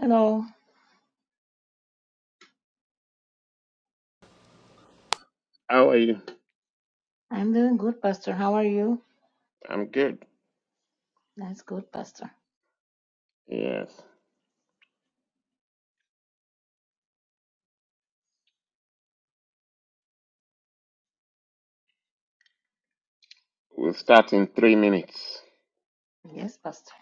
Hello, How are you? I'm doing good, Pastor. How are you? I'm good. That's good, Pastor. Yes. We'll start in three minutes. Yes, Pastor.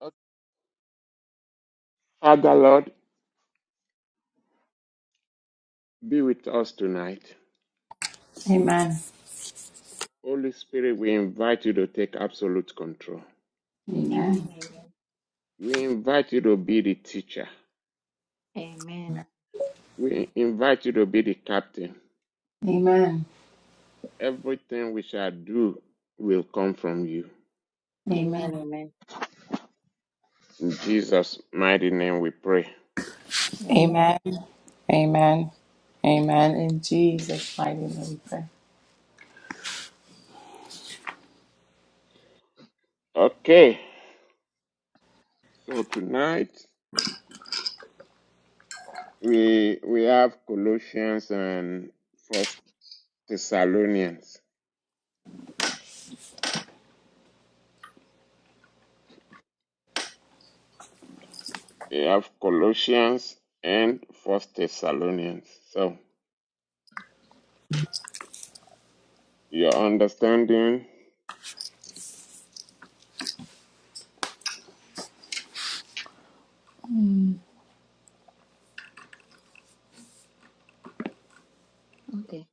Okay. Father, Lord, be with us tonight. Amen. Amen. Holy Spirit, we invite you to take absolute control. Amen. Amen. Amen. We invite you to be the teacher. Amen. We invite you to be the captain. Amen. Everything we shall do will come from you. Amen. Amen. Amen. In Jesus' mighty name we pray. Amen. Amen. Amen. Amen. In Jesus' mighty name we pray. Okay. So tonight we we have Colossians and First Thessalonians. You have Colossians and First Thessalonians. So your understanding. Okay.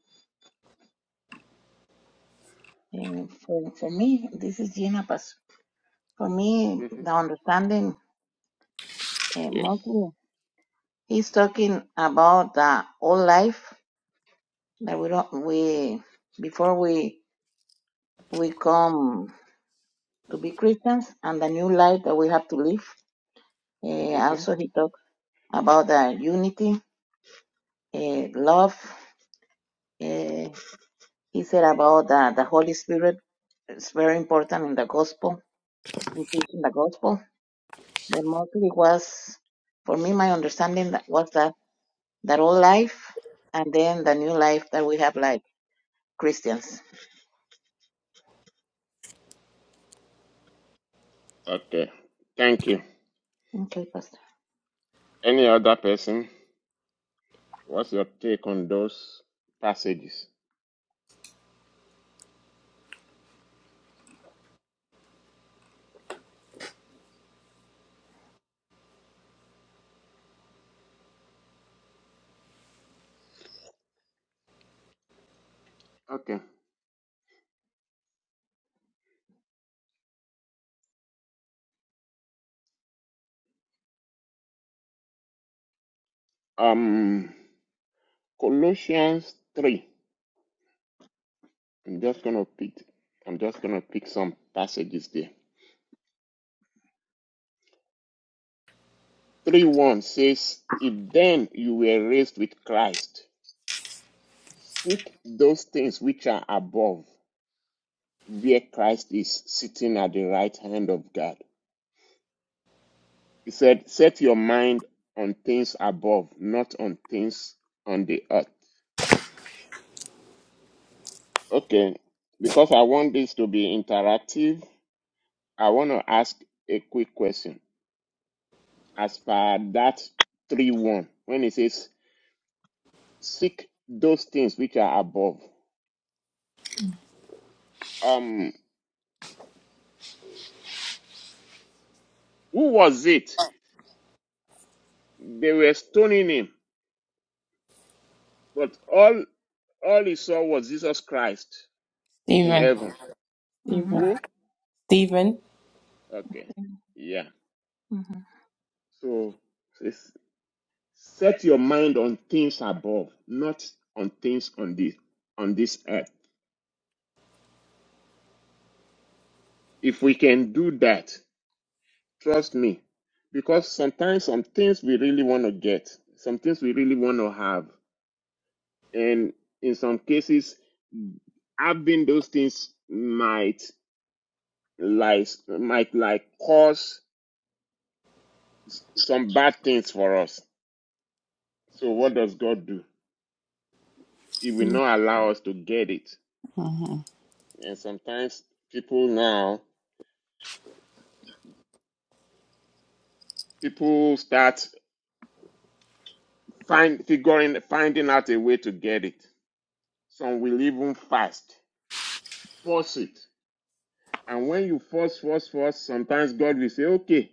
Uh, for, for me, this is Gina, Pastor. For me, hmm the understanding uh, Yes. mostly he's talking about the old life that we don't we before we we come to be Christians and the new life that we have to live. Uh, hmm also, he talks about the unity eh, love. eh, he said about the, the Holy Spirit. It's very important in the gospel, in preaching the gospel. But mostly was, for me, my understanding that was that, that old life and then the new life that we have like Christians. Okay. Thank you. Okay, Pastor. Any other person? What's your take on those passages? Okay. Um, Colossians three. I'm just gonna pick. I'm just gonna pick some passages there. Three one says, "If then you were raised with Christ, seek those things which are above." where Christ is sitting at the right hand of God. He said, Set your mind on things above, not on things on the earth. Okay, because I want this to be interactive, I want to ask a quick question. As per that 3 1, when it says, Seek those things which are above, um, who was it? They were stoning him, but all all he saw was Jesus Christ in Stephen. heaven. Mm-hmm. Stephen. Who? Stephen. Okay. Yeah. Mm-hmm. So it's, set your mind on things above, not on things on this on this earth. If we can do that, trust me, because sometimes some things we really want to get, some things we really want to have, and in some cases, having those things might like might like cause s- some bad things for us. So what does God do? He will not allow us to get it. Mhm. And sometimes people now, people start find figuring finding out a way to get it. Some will even fast, force it. And when you force, force, force, sometimes God will say, Okay,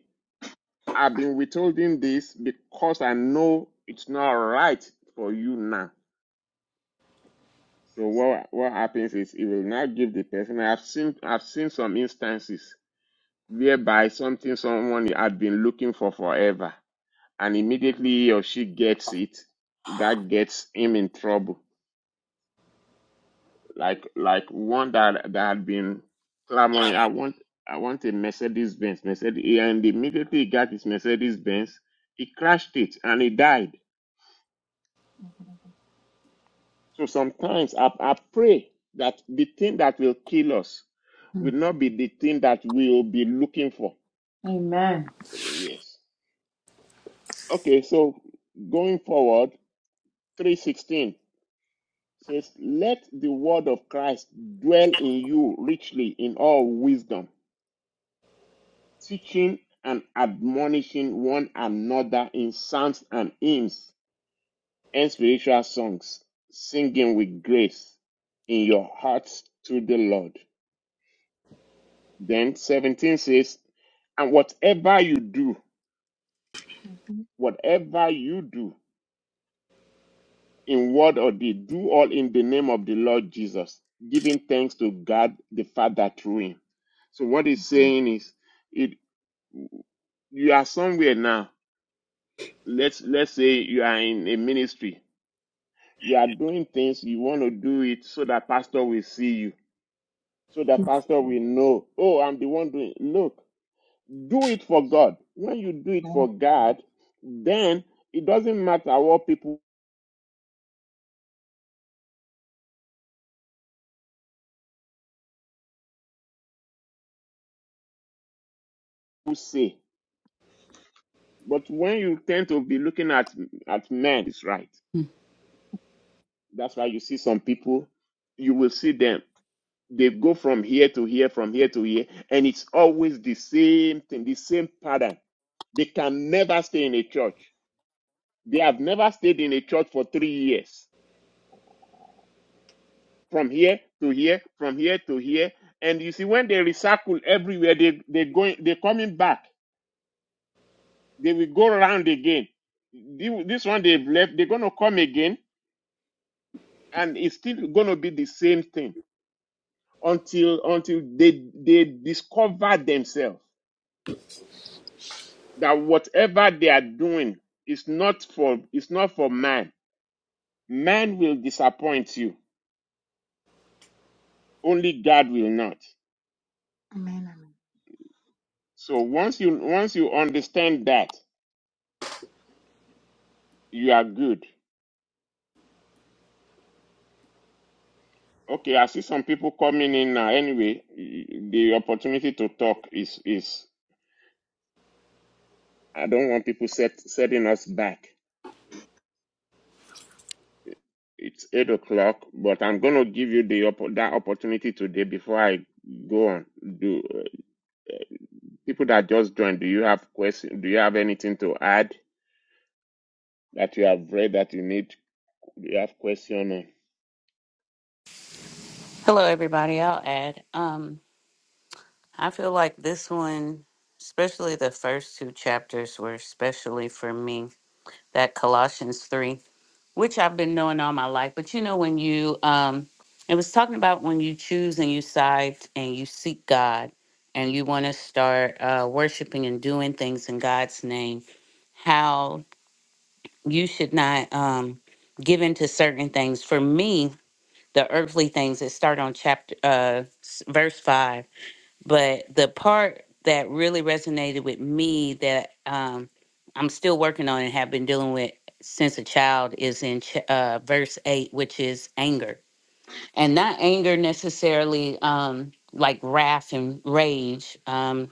I've been withholding this because I know it's not right for you now. So what what happens is it will not give the person. I've seen I've seen some instances whereby something someone had been looking for forever and immediately he or she gets it, that gets him in trouble. Like like one that that had been clamoring, I want I want a Mercedes Benz, Mercedes, and immediately he got his Mercedes Benz, he crashed it and he died. So sometimes I, I pray that the thing that will kill us will not be the thing that we'll be looking for. Amen. Yes. Okay, so going forward, 316. says, Let the word of Christ dwell in you richly in all wisdom, teaching and admonishing one another in psalms and hymns and spiritual songs, singing with grace in your hearts to the Lord. Then 17 says, And whatever you do, hmm whatever you do, in word or deed, do all in the name of the Lord Jesus, giving thanks to God the Father through him. So what he's saying is it you are somewhere now. Let's let's say you are in a ministry. You are doing things, you want to do it so that pastor will see you, so that pastor will know, oh, I'm the one doing it. Look, do it for God. When you do it Amen. for God, then it doesn't matter what people say. But when you tend to be looking at at men, it's right. That's why you see some people, you will see them. They go from here to here, from here to here, and it's always the same thing, the same pattern. They can never stay in a church. They have never stayed in a church for three years. From here to here, from here to here. And you see, when they recycle everywhere, they, they going they're coming back. They will go around again. This one they've left, they're gonna come again, and it's still gonna be the same thing. until until they they discover themselves that whatever they are doing is not for is not for man. Man will disappoint you. Only God will not. Amen. So once you once you understand that, you are good. Okay, I see some people coming in now. Anyway, the opportunity to talk is is I don't want people set setting us back. It's eight o'clock, but I'm gonna give you the oppo- that opportunity today before I go on. Do uh, people that just joined? Do you have question? Do you have anything to add that you have read that you need? Do you have question? on? Hello, everybody. I'll add. Um, I feel like this one, especially the first two chapters, were especially for me. That Colossians 3, which I've been knowing all my life. But you know, when you, um, it was talking about when you choose and you side and you seek God and you want to start uh, worshiping and doing things in God's name, how you should not um, give in to certain things. For me, the earthly things that start on chapter, uh, s- verse 5 But the part that really resonated with me that um, I'm still working on and have been dealing with since a child is in ch- uh, verse 8, which is anger. And not anger necessarily um, like wrath and rage. um,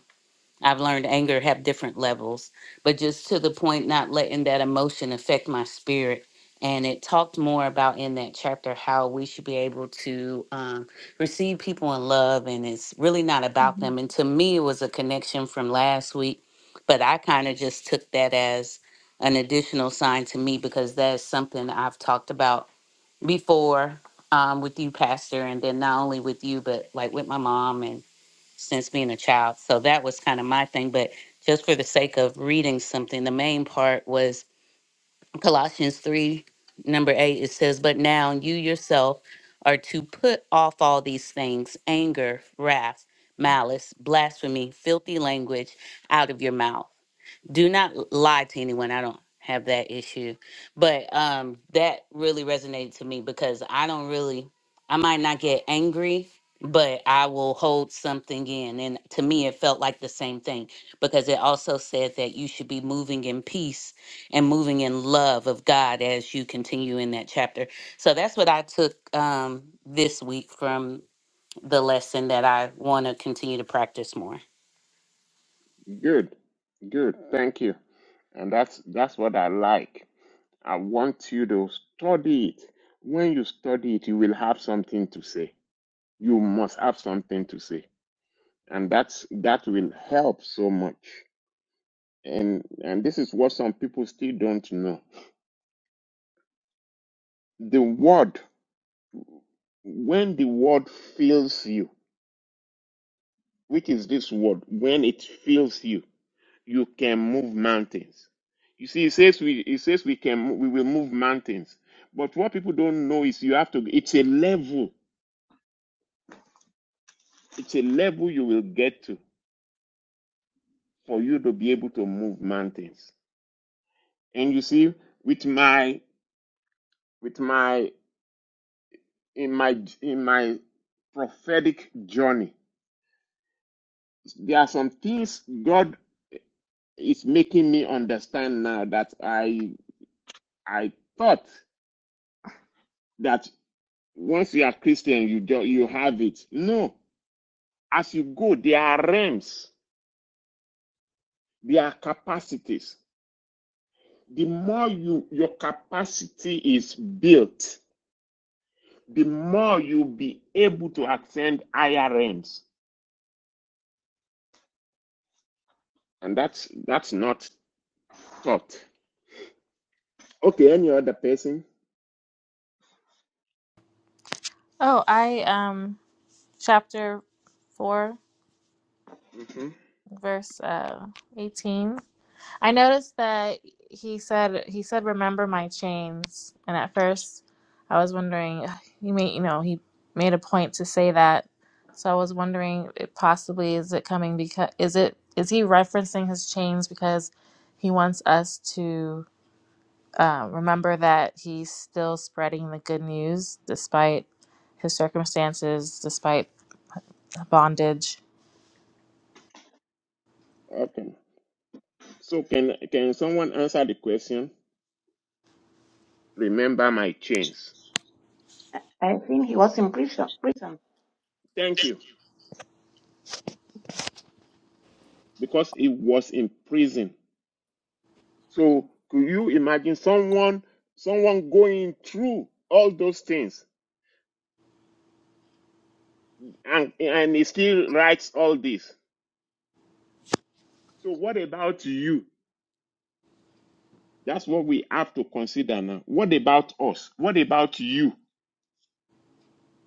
I've learned anger have different levels, but just to the point, not letting that emotion affect my spirit. And it talked more about in that chapter how we should be able to um, receive people in love, and it's really not about hmm them. And to me, it was a connection from last week, but I kind of just took that as an additional sign to me because that's something I've talked about before um, with you, Pastor, and then not only with you, but like with my mom. and since being a child. So that was kind of my thing. But just for the sake of reading something, the main part was Colossians 3, number 8. It says, But now you yourself are to put off all these things anger, wrath, malice, blasphemy, filthy language out of your mouth do not lie to anyone. I don't have that issue. But um that really resonated to me because I don't really I might not get angry, but I will hold something in. And to me it felt like the same thing because it also said that you should be moving in peace and moving in love of God as you continue in that chapter. So that's what I took um this week from the lesson that I want to continue to practice more. Good, good. Thank you. And that's that's what I like. I want you to study it. When you study it, you will have something to say. You must have something to say, and that's that will help so much. and and this is what some people still don't know the word when the word fills you which is this word when it fills you you can move mountains you see it says we it says we can we will move mountains but what people don't know is you have to it's a level it's a level you will get to for you to be able to move mountains and you see with my with my in my in my prophetic journey there are some things God is making me understand now that I I thought that once you are Christian you do, you have it. No, as you go, there are realms, there are capacities. The more you your capacity is built, the more you'll be able to ascend higher realms, and that's that's not taught. Okay, any other person? Oh, I um chapter 4 hmm verse uh 18. I noticed that he said he said remember my chains and at first I was wondering ugh, he made you know he made a point to say that. So I was wondering it possibly is it coming because is it is he referencing his chains because he wants us to uh, remember that he's still spreading the good news despite his circumstances, despite bondage. Okay. So can can someone answer the question? remember my chains. I think he was in prison. Prison. Thank you. Because he was in prison. So could you imagine someone someone going through all those things and, and he still writes all this? So what about you? That's what we have to consider now. What about us? What about you?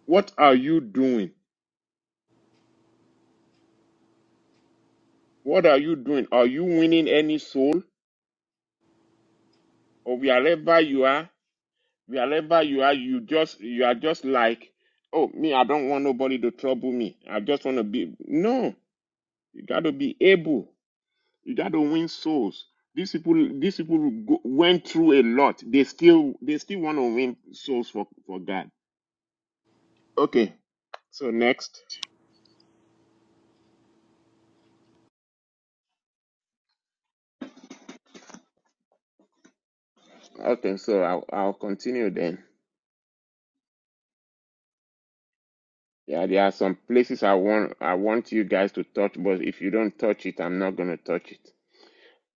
What are you doing? What are you doing? Are you winning any soul or wherever you are? wherever you are, you just you are just like, oh me, I don't want nobody to trouble me. I just want to be no. You got to be able. You got to win souls. These people, these people go, went through a lot. They still they still want to win souls for for God. Okay, so next. Okay, so I'll I'll continue then. Yeah, there are some places I want I want you guys to touch, but if you don't touch it, I'm not gonna touch it.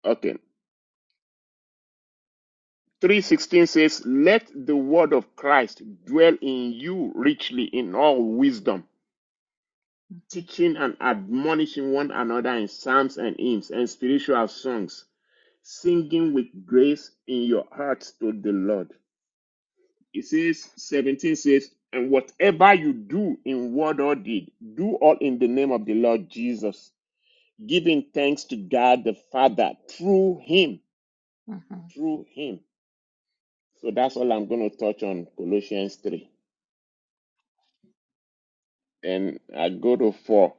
Okay, 3:16 says, "Let the word of Christ dwell in you richly in all wisdom, Mm-hmm. teaching and admonishing one another in psalms and hymns and spiritual songs, singing with grace in your hearts to the Lord." It says 17 says, "And whatever you do in word or deed, do all in the name of the Lord Jesus, giving thanks to God the Father through him, Mm-hmm. through him." So that's all I'm going to touch on Colossians 3. and I go to four.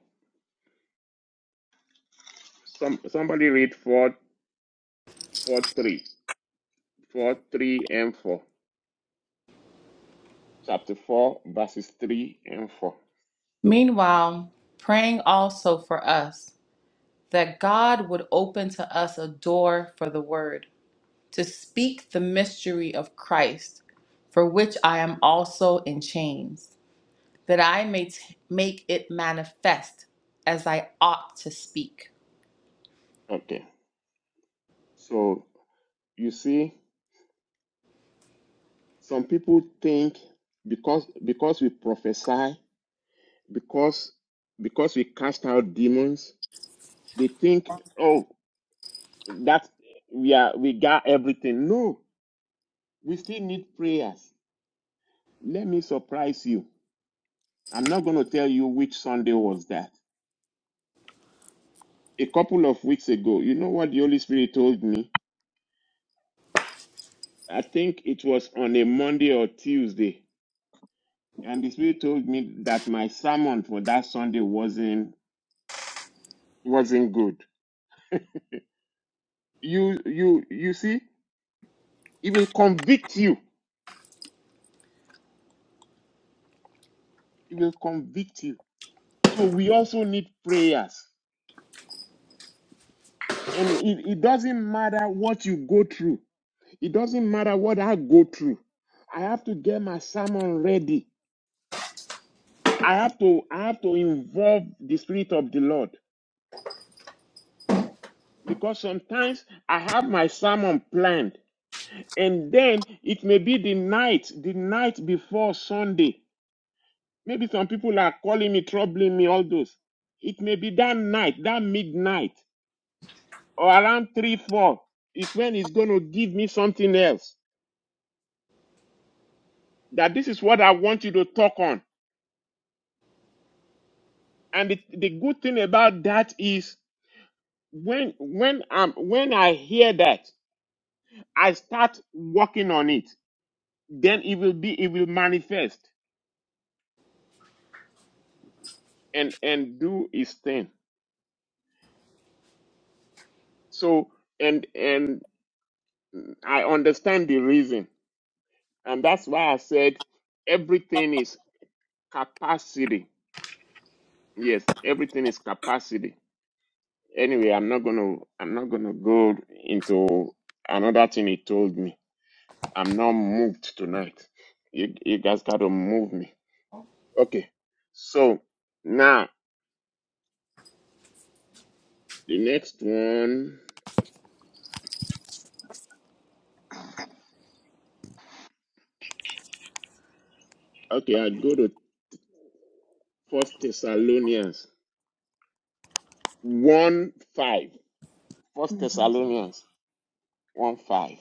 Some somebody read four, four, three, four, three, and four. Chapter four, verses three and four. Meanwhile, praying also for us that God would open to us a door for the word to speak the mystery of Christ, for which I am also in chains. that I may t- make it manifest as I ought to speak. Okay. So you see, some people think because because we prophesy, because because we cast out demons, they think, oh, that we are we got everything. No, we still need prayers. Let me surprise you. I'm not going to tell you which Sunday was that. a couple of weeks ago. You know what the Holy Spirit told me? I think it was on a Monday or Tuesday, and the Spirit told me that my sermon for that Sunday wasn't wasn't good. You you you see, it will convict you. It will convict you. So we also need prayers. And it, it doesn't matter what you go through. It doesn't matter what I go through. I have to get my sermon ready. I have to I have to involve the spirit of the Lord. because sometimes I have my sermon planned, and then it may be the night, the night before Sunday. Maybe some people are calling me, troubling me, all those. It may be that night, that midnight, or around three, four, is when it's going to give me something else. That this is what I want you to talk on. And the, the good thing about that is when when I'm when I hear that, I start working on it. Then it will be it will manifest and and do his thing. So and and I understand the reason, and that's why I said everything is capacity. Yes, everything is capacity. Anyway, I'm not gonna I'm not gonna go into another thing he told me. I'm not moved tonight. You you guys gotta move me. Okay. So now the next one. Okay, I go to First Thessalonians one five. First Mm-hmm. Thessalonians 1 5.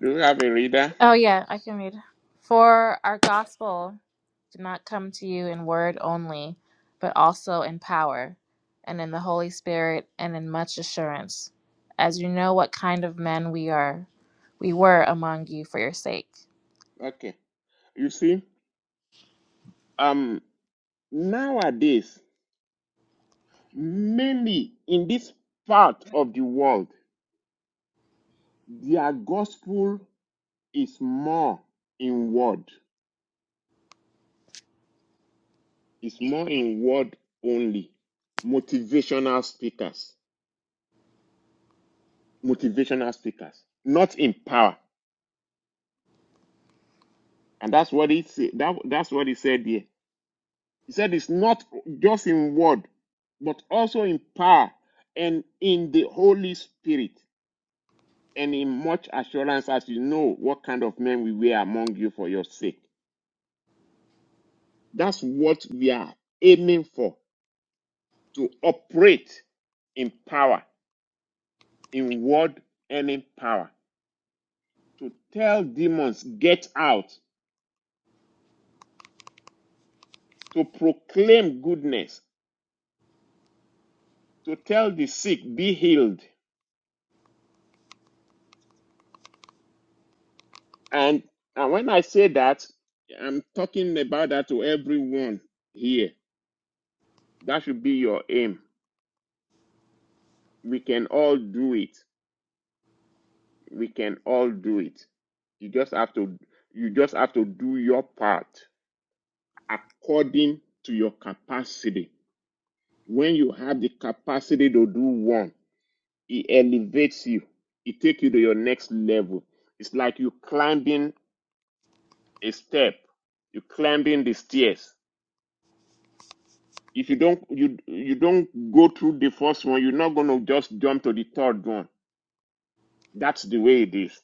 Do you have a reader? Oh, yeah, I can read. For our gospel did not come to you in word only, but also in power, and in the Holy Spirit, and in much assurance, as you know what kind of men we are, we were among you for your sake. Okay. You see, um, nowadays, mainly in this part of the world, their gospel is more in word. It's more in word only. Motivational speakers. Motivational speakers. Not in power. And that's what it said. That, that's what he said there. He said it's not just in word, but also in power and in the Holy Spirit, and in much assurance as you know what kind of men we were among you for your sake. That's what we are aiming for to operate in power, in word and in power, to tell demons, get out, to proclaim goodness, to tell the sick, be healed, And and when I say that, I'm talking about that to everyone here. That should be your aim. We can all do it. We can all do it. You just have to you just have to do your part according to your capacity. When you have the capacity to do one, it elevates you. It takes you to your next level. It's like you climbing a step. You're climbing the stairs If you don't you you don't go through the first one, you're not gonna just jump to the third one. That's the way it is.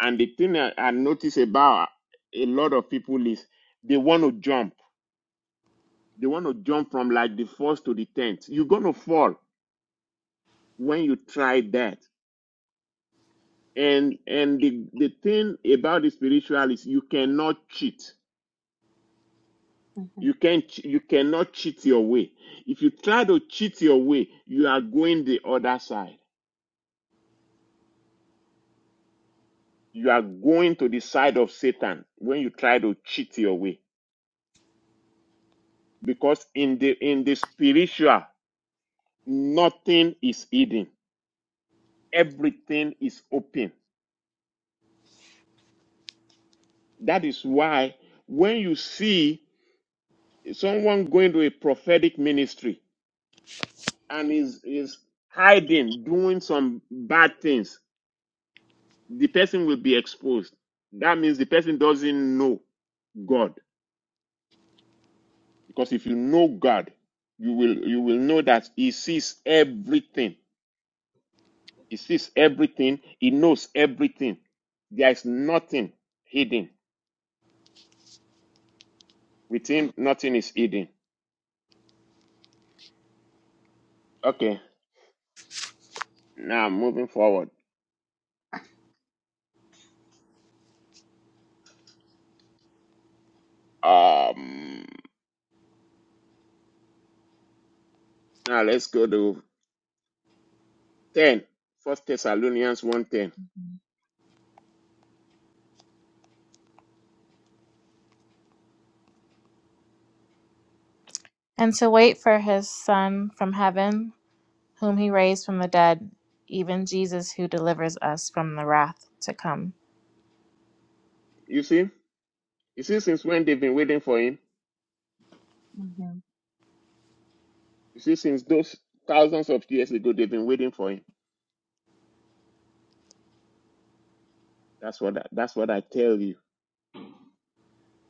And the thing I, I notice about a lot of people is they want to jump. They want to jump from like the first to the tenth. You're gonna fall when you try that. And and the the thing about the spiritual is you cannot cheat. You Mm-hmm. can not you cannot cheat your way. If you try to cheat your way, you are going the other side. you are going to the side of Satan when you try to cheat your way. Because in the in the spiritual, nothing is hidden. Everything is open. That is why when you see someone going to a prophetic ministry and is is hiding, doing some bad things, the person will be exposed. That means the person doesn't know God. Because if you know God, you will you will know that He sees everything He sees everything. He knows everything. There is nothing hidden. With him, nothing is hidden. Okay. Now moving forward. Um now let's go to 10. First Thessalonians one ten. And to wait for his Son from heaven, whom he raised from the dead, even Jesus who delivers us from the wrath to come. You see? You see, since when they've been waiting for him? Mm-hmm. You see, since those thousands of years ago they've been waiting for him. That's what I, that's what I tell you.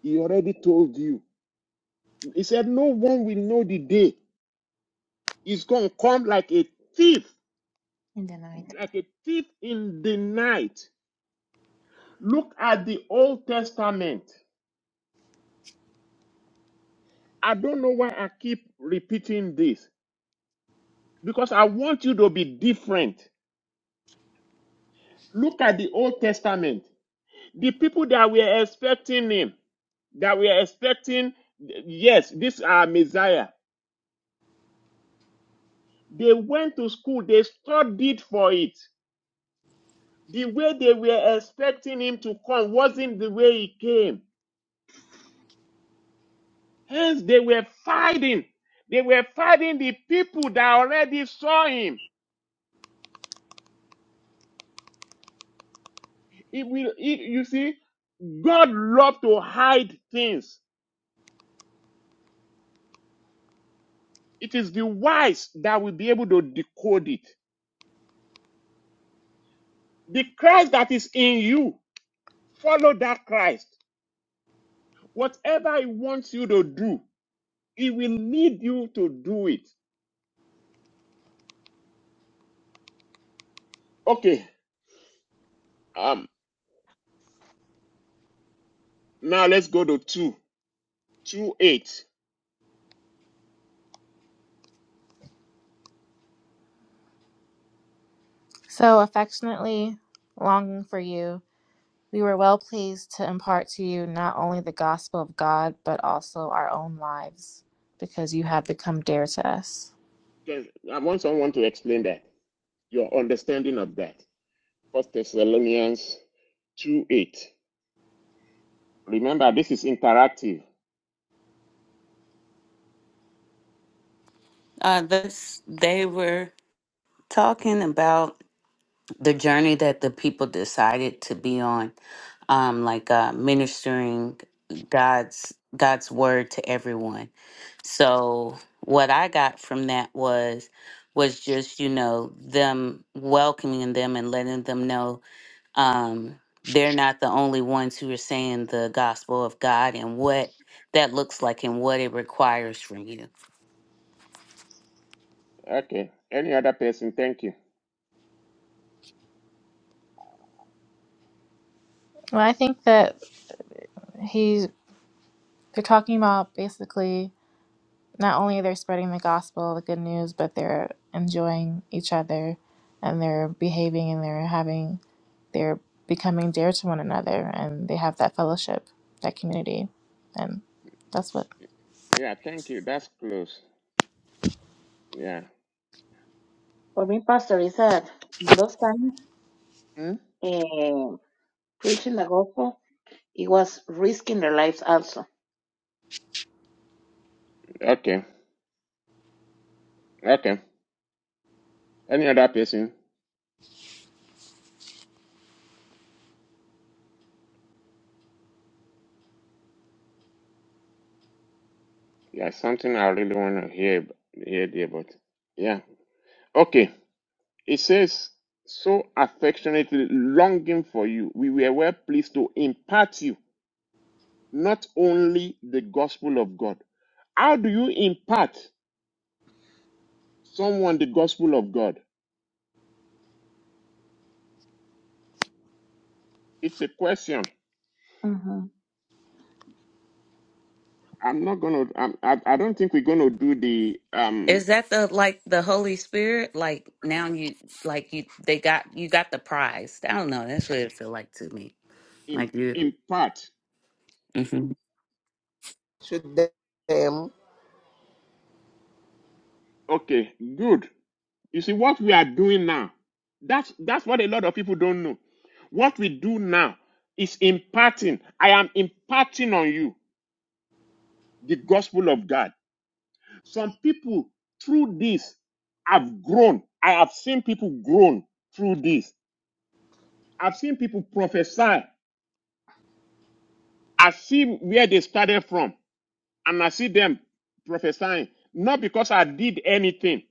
He already told you. He said, No one will know the day. He's gonna come like a thief. In the night. like a thief in the night. Look at the Old Testament. I don't know why I keep repeating this because I want you to be different. Look at the Old Testament. The people that were expecting him, that were expecting, yes, this are Messiah. They went to school, they studied for it. The way they were expecting him to come wasn't the way he came. Hence, they were fighting. They were fighting the people that already saw him. It will, it, you see, God loves to hide things. It is the wise that will be able to decode it. The Christ that is in you, follow that Christ. Whatever He wants you to do, He will lead you to do it. Okay. Um. Now let's go to two, two eight. So affectionately longing for you We were well pleased to impart to you not only the gospel of God, but also our own lives, because you have become dear to us. 'Cause I want someone to explain that your understanding of that. First Thessalonians 2 8. Remember, this is interactive. Uh, that's they were talking about the journey that the people decided to be on um like uh ministering god's god's word to everyone so what i got from that was was just you know them welcoming them and letting them know um they're not the only ones who are saying the gospel of god and what that looks like and what it requires from you Okay. Any other person? Thank you. Well, I think that he they're talking about basically not only they're spreading the gospel, the good news, but they're enjoying each other and they're behaving and they're having they're becoming dear to one another and they have that fellowship, that community. And that's what Yeah, thank you. That's close. Yeah. For me, Pastor, is that in those times, Hmm? eh, preaching the gospel, it was risking their lives also. Okay. Okay. Any other person? Yeah, something I really want to hear hear there, but yeah. Okay. It says so affectionately longing for you. We were well pleased to impart you not only the gospel of God. How do you impart someone the gospel of God? It's a question. Mm-hmm. I'm not gonna. I'm, I I don't think we're gonna do the um Is that the like the Holy Spirit? Like now you like you they got you got the prize. I don't know. That's what it feel like to me. in Like you. in part. hmm to them. Okay, good. You see what we are doing now. That's that's what a lot of people don't know. What we do now is imparting. I am imparting on you the gospel of God. Some people through this have grown. I have seen people grown through this. I've seen people prophesy. I see where they started from. and I see them prophesying, not because I did anything,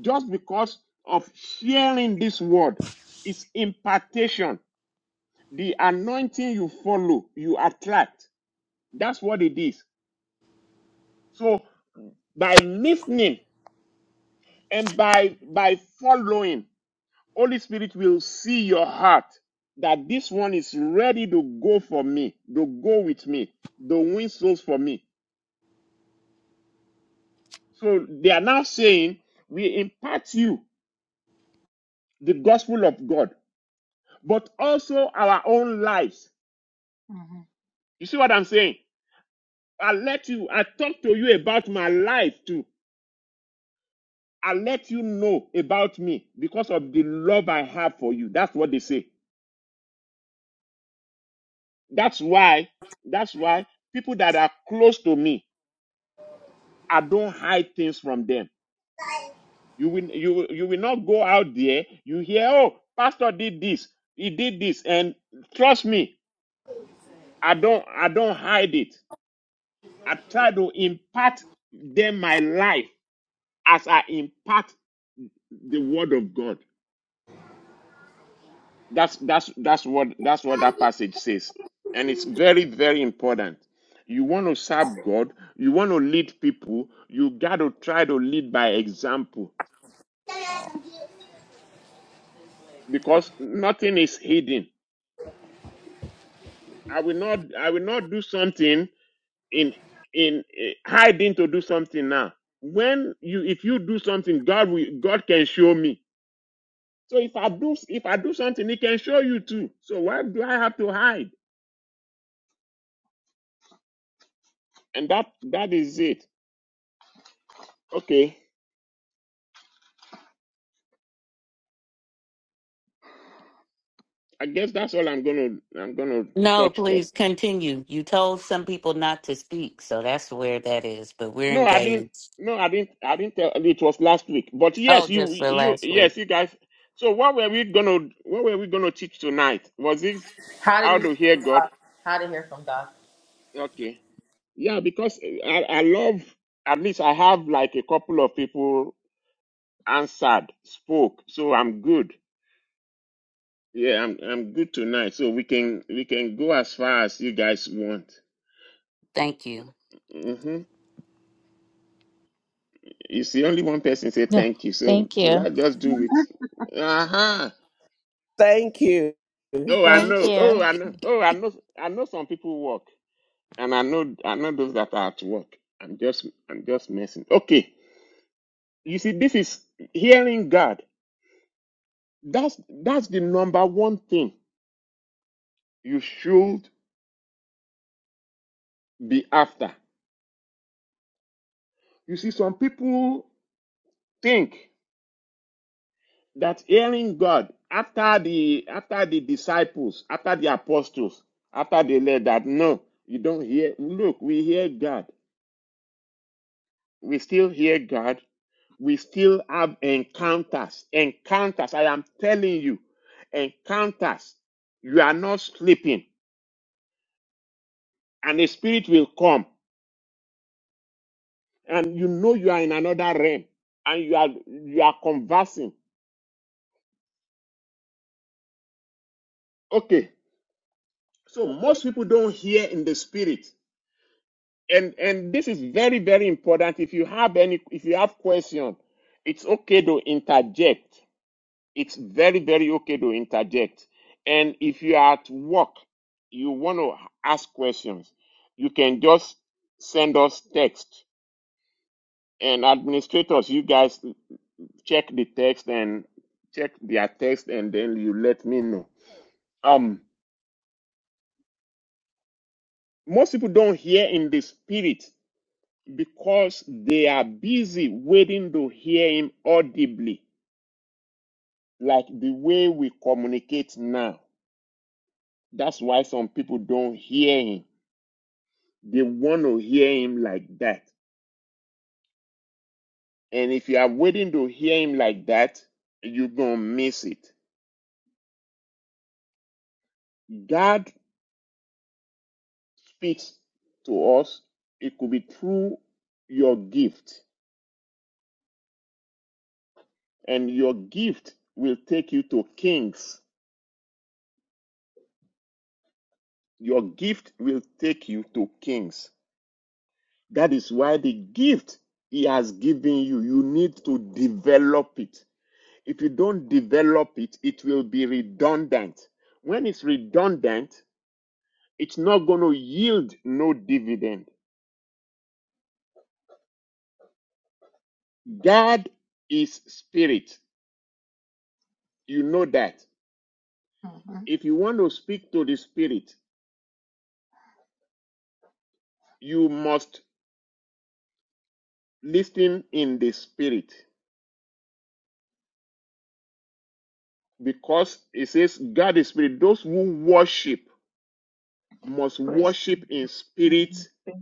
just because of sharing this word. It's impartation. The anointing you follow, you attract. That's what it is. So by listening and by by following, Holy Spirit will see your heart that this one is ready to go for me, to go with me, to win souls for me. So they are now saying, we impart you the gospel of God, but also our own lives. Mm-hmm. You see what I'm saying? I let you, I talk to you about my life too. I let you know about me because of the love I have for you. That's what they say. That's why, that's why people that are close to me, I don't hide things from them. You will, you, will- you will not go out there. You hear, oh, pastor did this, he did this, and trust me, I don't, I don't hide it. I try to impart them my life as I impart the word of God. That's that's that's what that's what that passage says. And it's very, very important. You want to serve God, you want to lead people, you got to try to lead by example because nothing is hidden. I will not I will not do something in in eh, hiding to do something now. When you if you do something, God will God can show me So if I do if I do something, he can show you too. So why do I have to hide? And that that is it. Okay. I guess that's all I'm gonna I'm gonna No, touch for. please continue. You told some people not to speak, so that's where that is. But we're No, I didn't engaged. no, I didn't I didn't tell it was last week. But yes, Oh, you just for you last week. yes, you guys so what were we gonna what were we gonna teach tonight? Was it how to hear God? Okay. Yeah, because I, I love at least I have like a couple of people answered, spoke, so I'm good. Yeah, I'm I'm good tonight, so we can we can go as far as you guys want. Thank you. Mm-hmm. You see, only one person say Yeah. thank you, so Thank should I you. just do it? Uh-huh. Thank you. Oh, I Thank know. you. Oh, I know. Oh, I know. I know some people work, and I know I know those that are at work. I'm just I'm just messing. Okay. You see, this is hearing God. That's that's the number one thing you should be after. You see, some people think. that hearing God after the after the disciples, after the apostles, after they led that no, you don't hear. Look, we hear God. We still hear God. We still have encounters. Encounters. I am telling you, encounters. You are not sleeping, and the spirit will come, and you know you are in another realm, and you are you are conversing. Okay. So most people don't hear in the spirit. and and this is very very important if you have any if you have questions, it's okay to interject it's very very okay to interject and if you are at work you want to ask questions you can just send us text and administrators you guys check the text and check their text and then you let me know um most people don't hear in the spirit because they are busy waiting to hear him audibly, like the way we communicate now. That's why some people don't hear him. They want to hear him like that. And if you are waiting to hear him like that, you're going to miss it. God speaks to us. It could be through your gift, and your gift will take you to kings. Your gift will take you to kings That is why the gift He has given you, you need to develop it. If you don't develop it, it will be redundant. When it's redundant, it's not going to yield no dividend. God is spirit. You know that. Mm-hmm. If you want to speak to the spirit, you must listen in the spirit because it says God is spirit. Those who worship must Praise. worship in spirit Mm-hmm.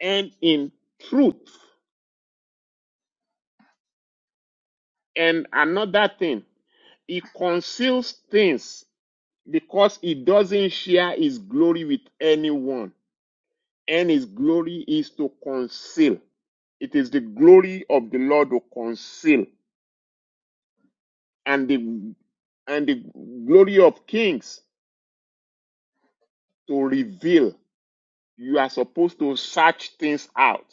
and in truth. And another thing, he conceals things because he doesn't share his glory with anyone. And his glory is to conceal. It is the glory of the Lord to conceal, and the and the glory of kings to reveal. You are supposed to search things out.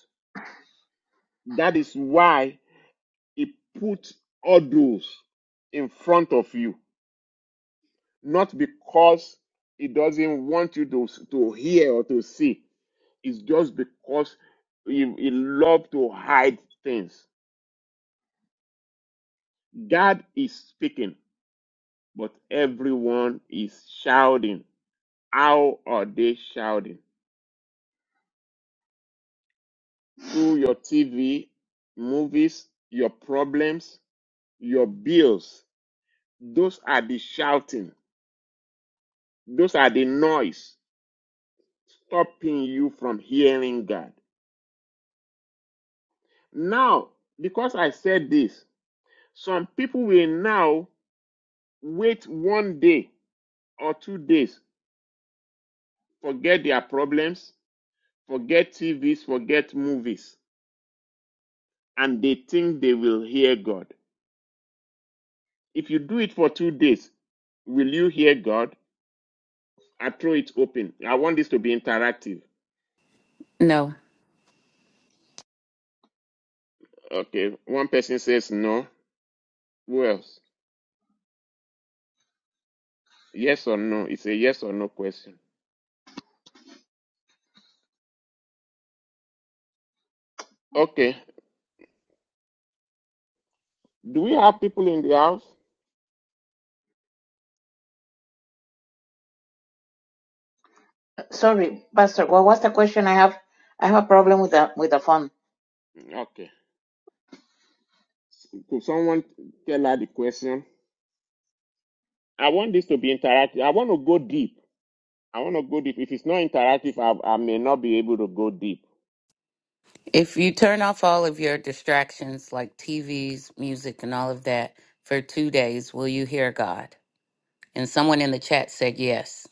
That is why he put odors in front of you not because it doesn't want you to, to hear or to see. It's just because he you love to hide things. God is speaking, but everyone is shouting. How are they shouting? Through your TV, movies, your problems, your bills. Those are the shouting. Those are the noise stopping you from hearing God. Now, because I said this, Some people will now wait one day or two days, forget their problems, forget TVs, forget movies, and they think they will hear God. If you do it for two days, will you hear God? I throw it open. I want this to be interactive. No, Okay, one person says no. Who else? Yes or no? It's a yes or no question. Okay, do we have people in the house? Sorry, Pastor, what was the question? I have I have a problem with the with the phone. Okay, could someone tell her the question? I want this to be interactive. I want to go deep. I want to go deep. If it's not interactive, I, I may not be able to go deep. if you turn off all of your distractions like TVs, music, and all of that for two days, will you hear God? And someone in the chat said yes.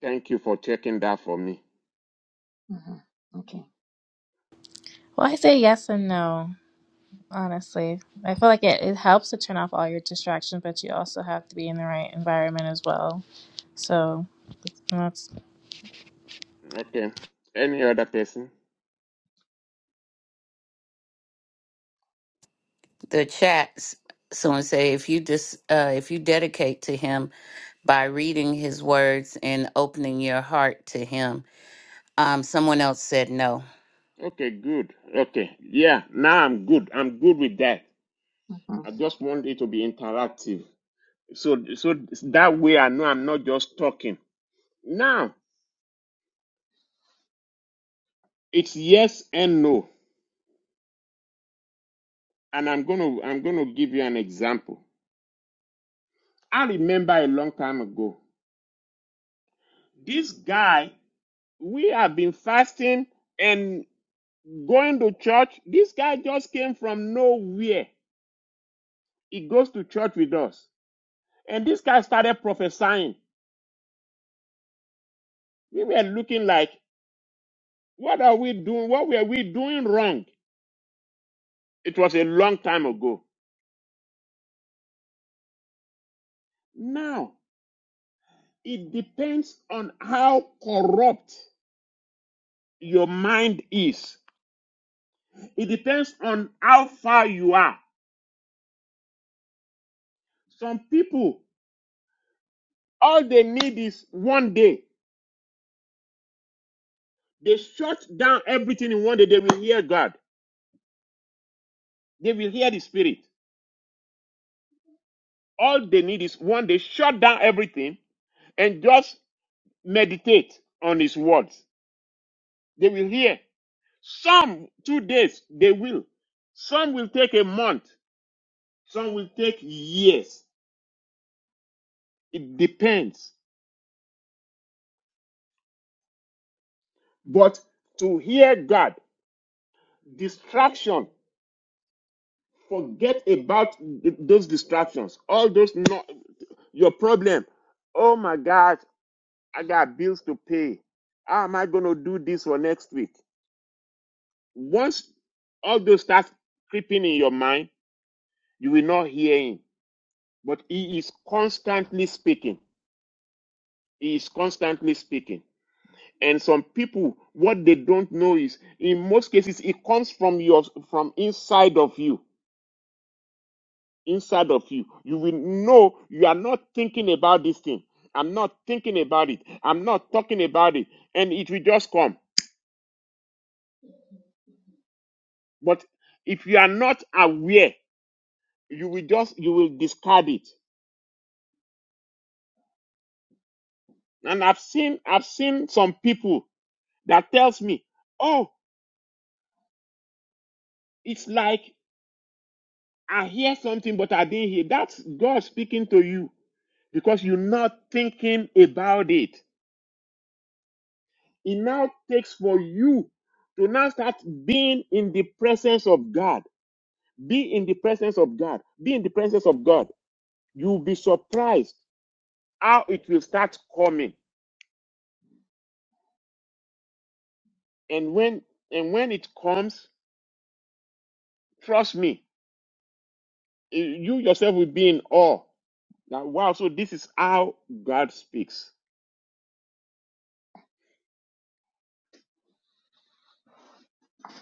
Thank you for checking that for me. Mm-hmm. Okay. Well I say yes and no. Honestly, I feel like it, it helps to turn off all your distractions, but you also have to be in the right environment as well. So that's, Okay. Any other person? the chats someone say if you just uh, if you dedicate to him by reading his words and opening your heart to him um someone else said no Okay, good. Okay. Yeah, now I'm good. I'm good with that. Mm-hmm. I just want it to be interactive. So so that way I know I'm not just talking. Now, it's yes and no. And I'm going to I'm going to give you an example. I remember a long time ago. This guy we have been fasting and going to church. This guy just came from nowhere. He goes to church with us. And this guy started prophesying. We were looking like, what are we doing? What were we doing wrong? It was a long time ago. Now, it depends on how corrupt your mind is. It depends on how far you are. Some people, all they need is one day They shut down everything in one day. They will hear God. They will hear the Spirit. All they need is one day, shut down everything and just meditate on His words. They will hear. Some two days, they will. Some will take a month. Some will take years. It depends. But to hear God, distraction, forget about th- those distractions, all those, no, your problem. Oh my God! I got bills to pay. How am I going to do this for next week? Once all those start creeping in your mind, you will not hear him. But he is constantly speaking. He is constantly speaking. And some people, what they don't know is, in most cases, it comes from your from inside of you. Inside of you, you will know you are not thinking about this thing. I'm not thinking about it. I'm not talking about it, and it will just come. But if you are not aware you will just you will discard it and i've seen i've seen some people that tells me oh it's like i hear something but i didn't hear that's god speaking to you because you're not thinking about it it now takes for you to now start being in the presence of god be in the presence of god be in the presence of god you'll be surprised how it will start coming and when and when it comes trust me Eh, you yourself will be in awe that wow so this is how god speaks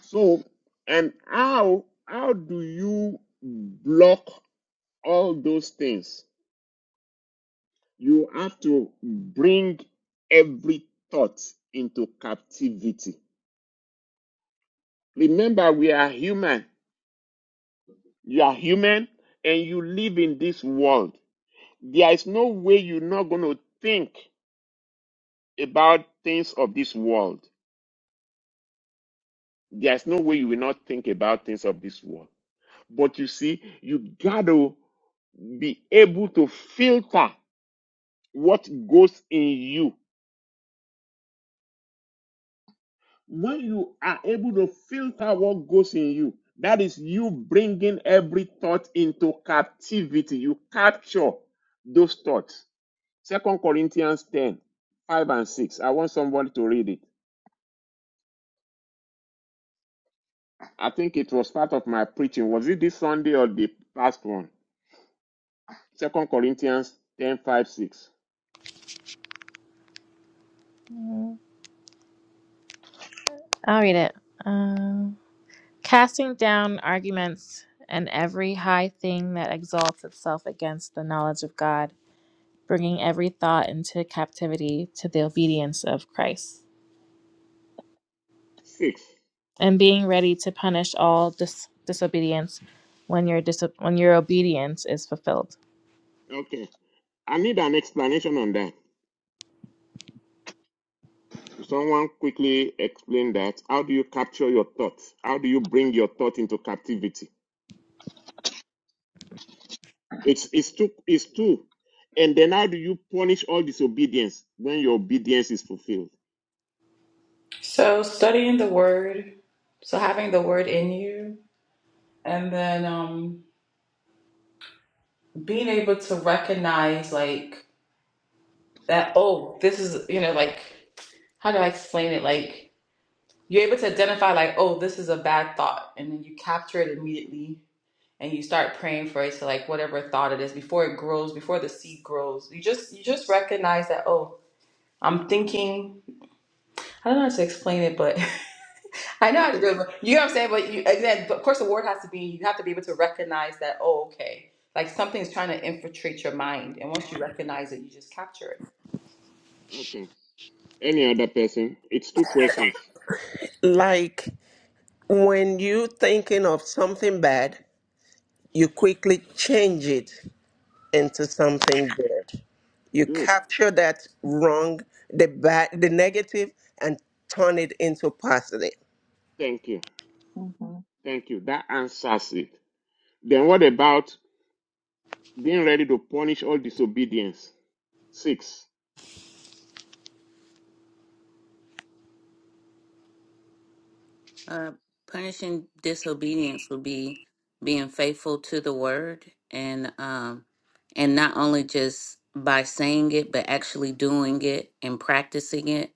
so and how how do you block all those things you have to bring every thought into captivity remember we are human you are human and you live in this world there is no way you're not going to think about things of this world there's no way you will not think about things of this world But you see, you gotta be able to filter what goes in you. When you are able to filter what goes in you, that is you bringing every thought into captivity. You capture those thoughts. Second Corinthians 10 5 and 6. I want somebody to read it. I think it was part of my preaching. Was it this Sunday or the past one? Second Corinthians ten five, 6. I'll read it. Um, casting down arguments and every high thing that exalts itself against the knowledge of God, bringing every thought into captivity to the obedience of Christ, 6. and being ready to punish all dis- disobedience when your dis- when your obedience is fulfilled. Okay. I need an explanation on that. Could Someone quickly explain that. How do you capture your thoughts? How do you bring your thought into captivity? It's it's too it's too. And then how do you punish all disobedience when your obedience is fulfilled? So studying the word, so having the word in you, and then um being able to recognize like that, oh, this is, you know, like how do I explain it? Like you're able to identify like, oh, this is a bad thought, and then you capture it immediately and you start praying for it to like whatever thought it is before it grows, before the seed grows. You just you just recognize that, oh, I'm thinking I don't know how to explain it, but I know how to Okay, do it. But you know what I'm saying? But you, again, but of course, the word has to be, you have to be able to recognize that, oh, okay, like something's trying to infiltrate your mind. And once you recognize it, you just capture it. okay. Any other person? It's two questions. Like when you thinking of something bad, you quickly change it into something good. You Good. capture that wrong, the bad, the negative, and turn it into positive. Thank you. Mm-hmm. Thank you. That answers it. Then what about being ready to punish all disobedience? Six. uh punishing disobedience would be being faithful to the word and um and not only just by saying it but actually doing it and practicing it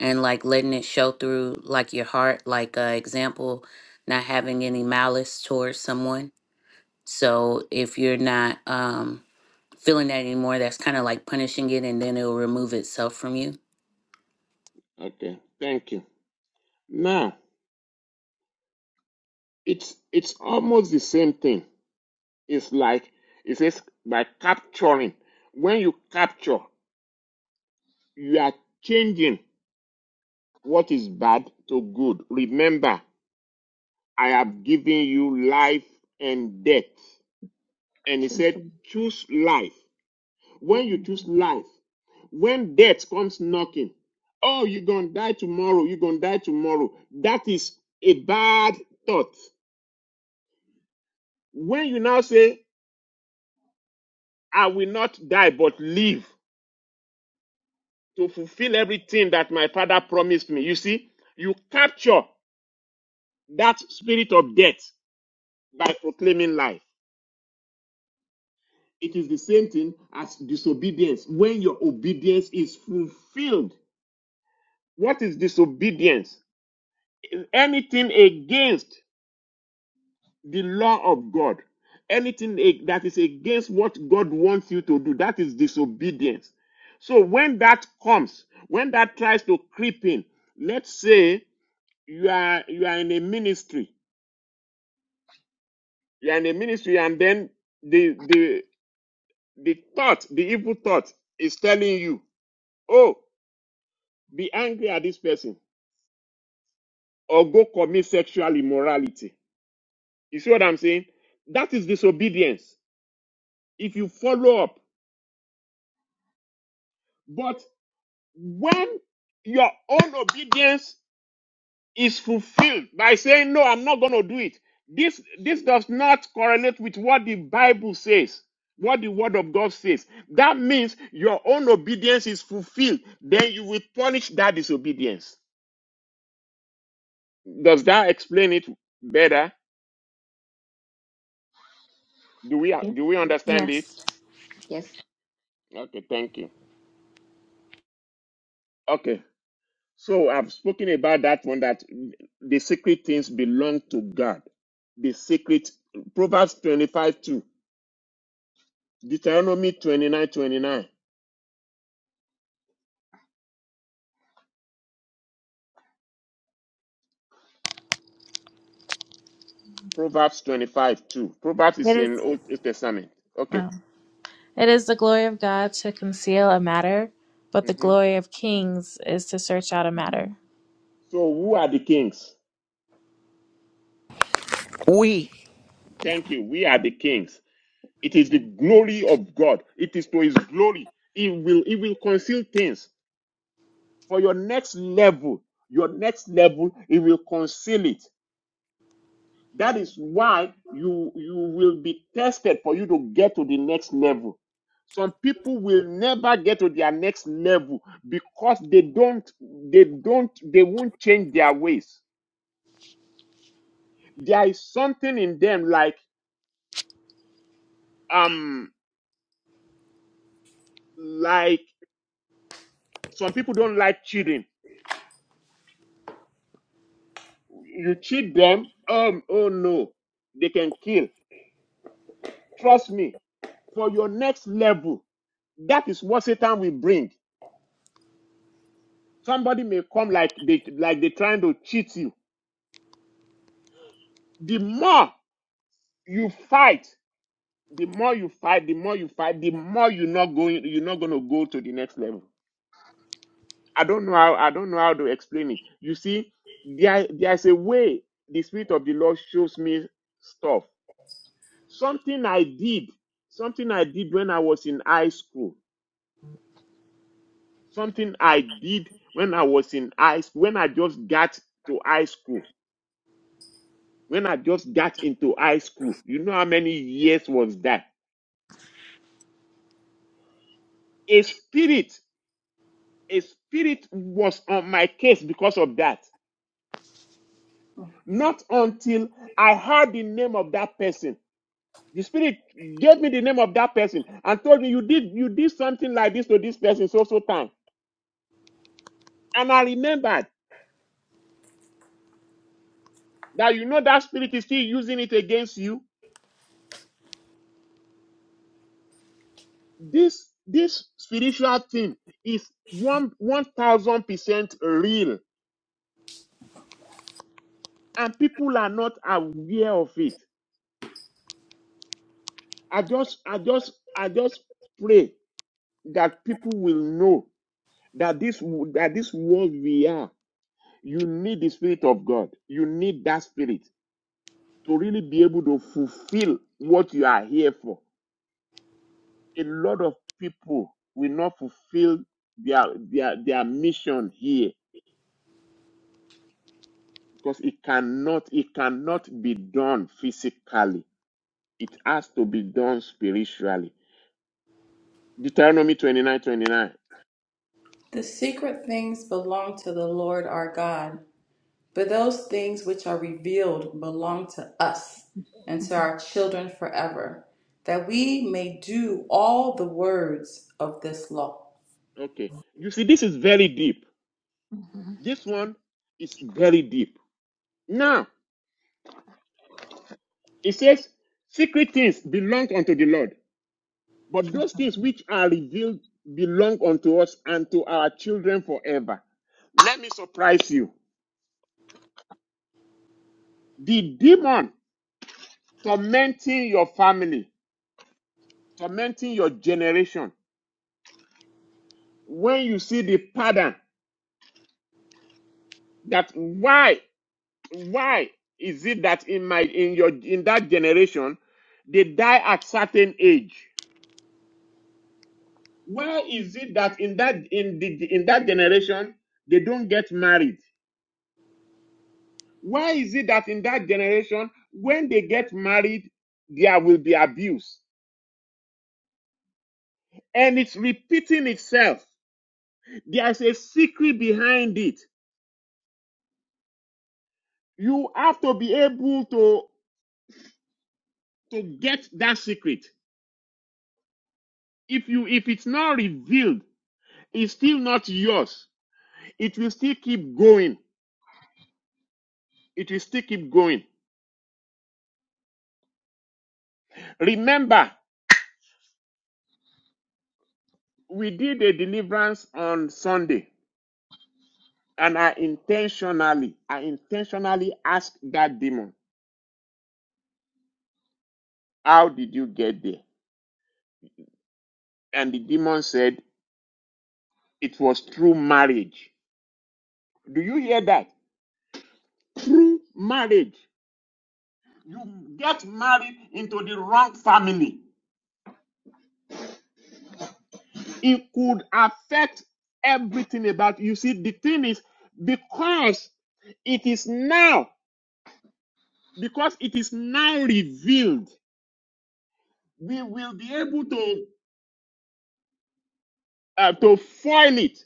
and like letting it show through like your heart like uh example not having any malice towards someone So if you're not um, feeling that anymore, that's kind of like punishing it, and then it'll remove itself from you. Okay. Thank you. Now it's it's almost the same thing. It's like it says by capturing. When you capture, you are changing what is bad to good. Remember, I have given you life and death. And he Choose said, one. choose life. When you Mhm. choose life, when death comes knocking, oh, you're going to die tomorrow, you're going to die tomorrow. That is a bad thought. When you now say, I will not die but live, to fulfill everything that my father promised me. You see, you capture that spirit of death by proclaiming life. It is the same thing as disobedience. When your obedience is fulfilled, what is disobedience? Anything against the law of God, anything that is against what God wants you to do, that is disobedience. So when that comes, when that tries to creep in, let's say you are you are in a ministry you are in a ministry and then the the the thought the evil thought is telling you oh be angry at this person or go commit sexual immorality you see what i'm saying that is disobedience if you follow up but when your own obedience is fulfilled by saying, No, I'm not going to do it. This, this does not correlate with what the Bible says, what the Word of God says. That means your own obedience is fulfilled. Then you will punish that disobedience. Does that explain it better? Do we, Yes. do we understand it? Yes, Yes. Okay, thank you. Okay, so I've spoken about that one that the secret things belong to God. The secret, Proverbs 25 2, Deuteronomy 29:29. Proverbs 25, 2. Proverbs is it in is. Old Testament. wow. Okay. It is the glory of God to conceal a matter, but the Mhm. glory of kings is to search out a Mhm. matter. So who are the kings? We Thank Mhm. you. We are the kings. It is the Mhm. glory of God. It is to his glory. It will it will conceal things. For your next level, your next level, It will conceal it. That is why you you will be tested for you to get to the next level. Some people will never get to their next level because they don't they don't they won't change their ways. There is something in them like um like some people don't like cheating. You cheat them, um oh no, they can kill. Trust me, for your next level, that is what Satan will bring. Somebody may come like they like they're trying to cheat you the more you fight, the more you fight, the more you fight, the more you're not going, you're not going to go to the next level. I don't know how, I don't know how to explain it. You see, there, there's a way the Spirit of the Lord shows me stuff. Something I did, something I did when I was in high school, something I did when I was in high school, when I just got to high school, when I just got into high school. You know how many years was that? A spirit a spirit was on my case because of that. Not until I heard the name of that person. The spirit gave me the name of that person and told me you did you did something like this to this person so so time. And I remembered that you know that spirit is still using it against you. This this spiritual thing is one one thousand percent real, and people are not aware of it. I just I just I just pray that people will know that this that this world we are you need the spirit of god you need that spirit to really be able to fulfill what you are here for a lot of people will not fulfill their their their mission here because it cannot it cannot be done physically it has to be done spiritually deuteronomy 29:29. The secret things belong to the Lord our God, but those things which are revealed belong to us and to Mhm. our children forever, that we may do all the words of this law. okay you see this is very deep this one is very deep now It says, secret things belong unto the Lord, but those things which are revealed belong unto us and to our children forever. Let me surprise you. The demon tormenting your family, tormenting your generation, when you see the pattern that why, why is it that in my in your in that generation they die at certain age? Why is it that in that in the in that generation they don't get married? Why is it that in that generation, when they get married, there will be abuse? And it's repeating itself. There's a secret behind it. You have to be able to, to get that secret. If you if it's not revealed, it's still not yours. It will still keep going. It will still keep going. Remember, we did a deliverance on Sunday, and I intentionally, I intentionally asked that demon. How did you get there? And the demon said, It was through marriage. Do you hear that? Through marriage. You get married into the wrong family. It could affect everything about you. See, the thing is, because it is now, because it is now revealed, we will be able to, uh, to foil it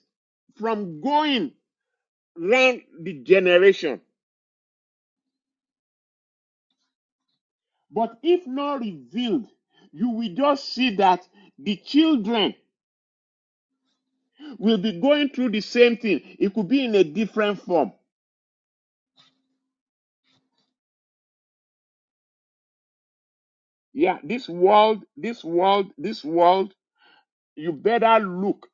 from going round the generation. But if not revealed, you will just see that the children will be going through the same thing. It could be in a different form. Yeah, this world, this world, this world, you better look.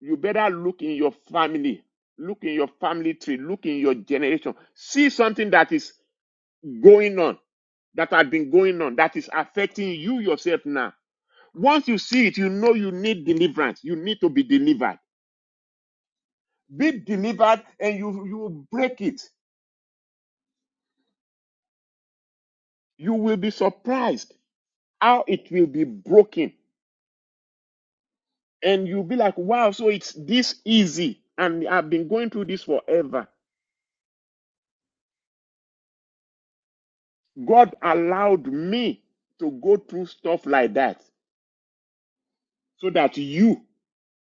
You better look in your family. Look in your family tree. Look in your generation. See something that is going on, that has been going on, that is affecting you yourself now. Once you see it, you know you need deliverance. You need to be delivered. be delivered and you, you will break it. You will be surprised how it will be broken. And you'll be like, wow, so it's this easy. And I've been going through this forever. God allowed me to go through stuff like that so that you,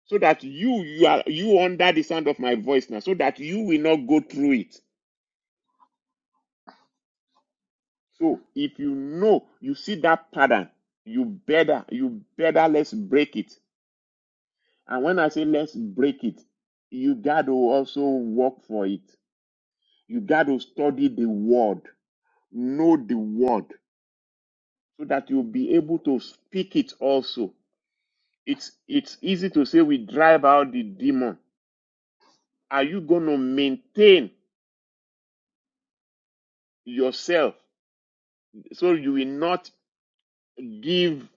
so that you, you are, you under the sound of my voice now, so that you will not go through it. So if you know, you see that pattern, you better, you better let's break it And when I say let's break it, you got to also work for it. You got to study the word, know the word, so that you'll be able to speak it also. It's it's easy to say we drive out the demon. Are you going to maintain yourself so you will not give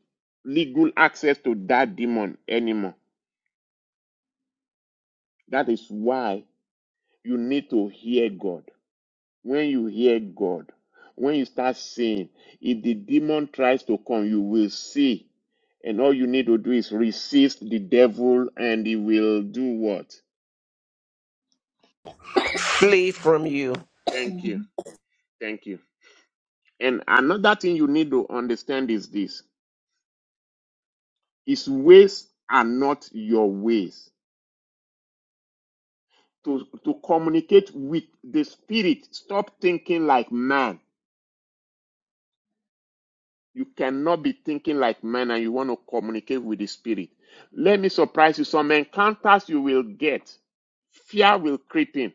legal access to that demon anymore? That is why you need to hear God. When you hear God, when you start seeing, if the demon tries to come, you will see. And all you need to do is resist the devil and he will do what? flee from you. Thank you. Thank you. And another thing you need to understand is this his ways are not your ways. To, to communicate with the spirit, stop thinking like man. You cannot be thinking like man and you want to communicate with the spirit. Let me surprise you. Some encounters you will get, fear will creep in.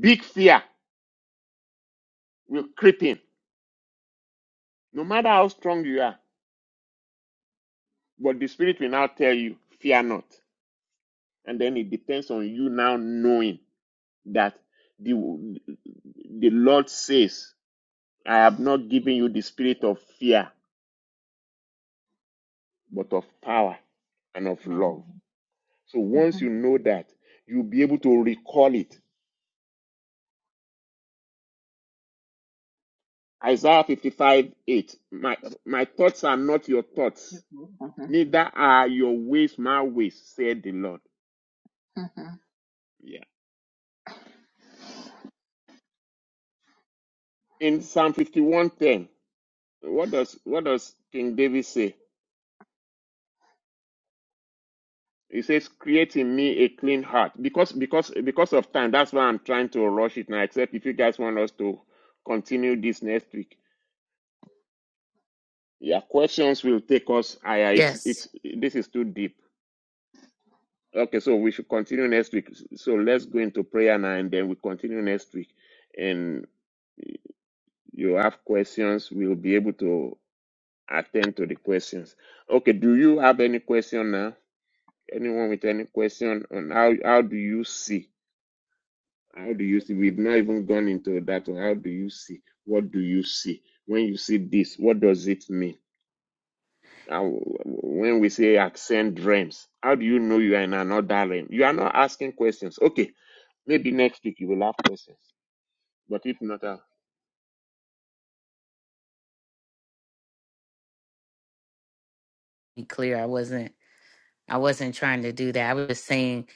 Big fear will creep in. No matter how strong you are, but the spirit will now tell you, fear not. And then it depends on you now knowing that the, the Lord says, I have not given you the spirit of fear, but of power and of love. Mhm. So once you know that, you'll be able to recall it Isaiah 55 8. My, my thoughts are not your thoughts, Mhm. neither are your ways my ways, said the Lord. Mhm. Yeah. In Psalm 51:10, what does what does King David say? He says, Create in me a clean heart. Because because because of time, that's why I'm trying to rush it now, except if you guys want us to continue this next week. Yeah, questions will take us higher. It's Yes. it's this is too deep. Okay, so we should continue next week. So let's go into prayer now and then we continue next week. And you have questions, we'll be able to attend to the questions. Okay, do you have any question now? Anyone with any question on how how do you see? How do you see? We've not even gone into that one. How do you see? What do you see? When you see this, what does it mean? Now, when we say accent dreams, how do you know you are in another realm? You are not asking questions. Okay, maybe next week you will have questions. But if not, uh, Be clear, I wasn't, I wasn't trying to do that. I was just saying,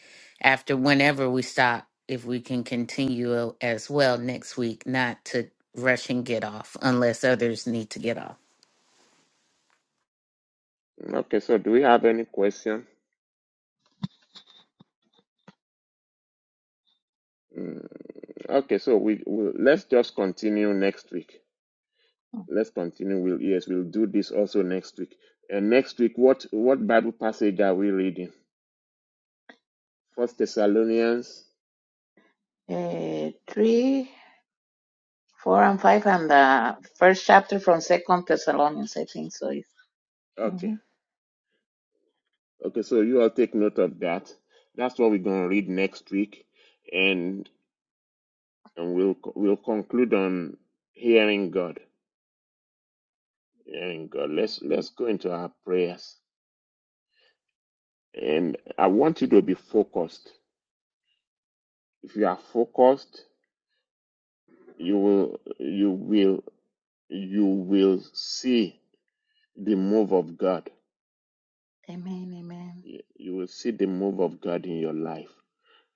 after whenever we stop, if we can continue uh, as well next week, not to rush and get off unless others need to get off. okay. So, do we have any question? Mm, okay, so we we let's just continue next week. Let's continue. We'll yes, we'll do this also next week. And next week, what what Bible passage are we reading? First Thessalonians. Uh, three. four and five and the first chapter from Second Thessalonians, I think so. Is Okay, hmm okay. So you all take note of that. That's what we're gonna read next week. and. and we'll we'll conclude on hearing God. Hearing God. Let's let's go into our prayers. And I want you to be focused. If you are focused, you will you will you will see the move of God. Amen, amen, Amen. You will see the move of God in your life.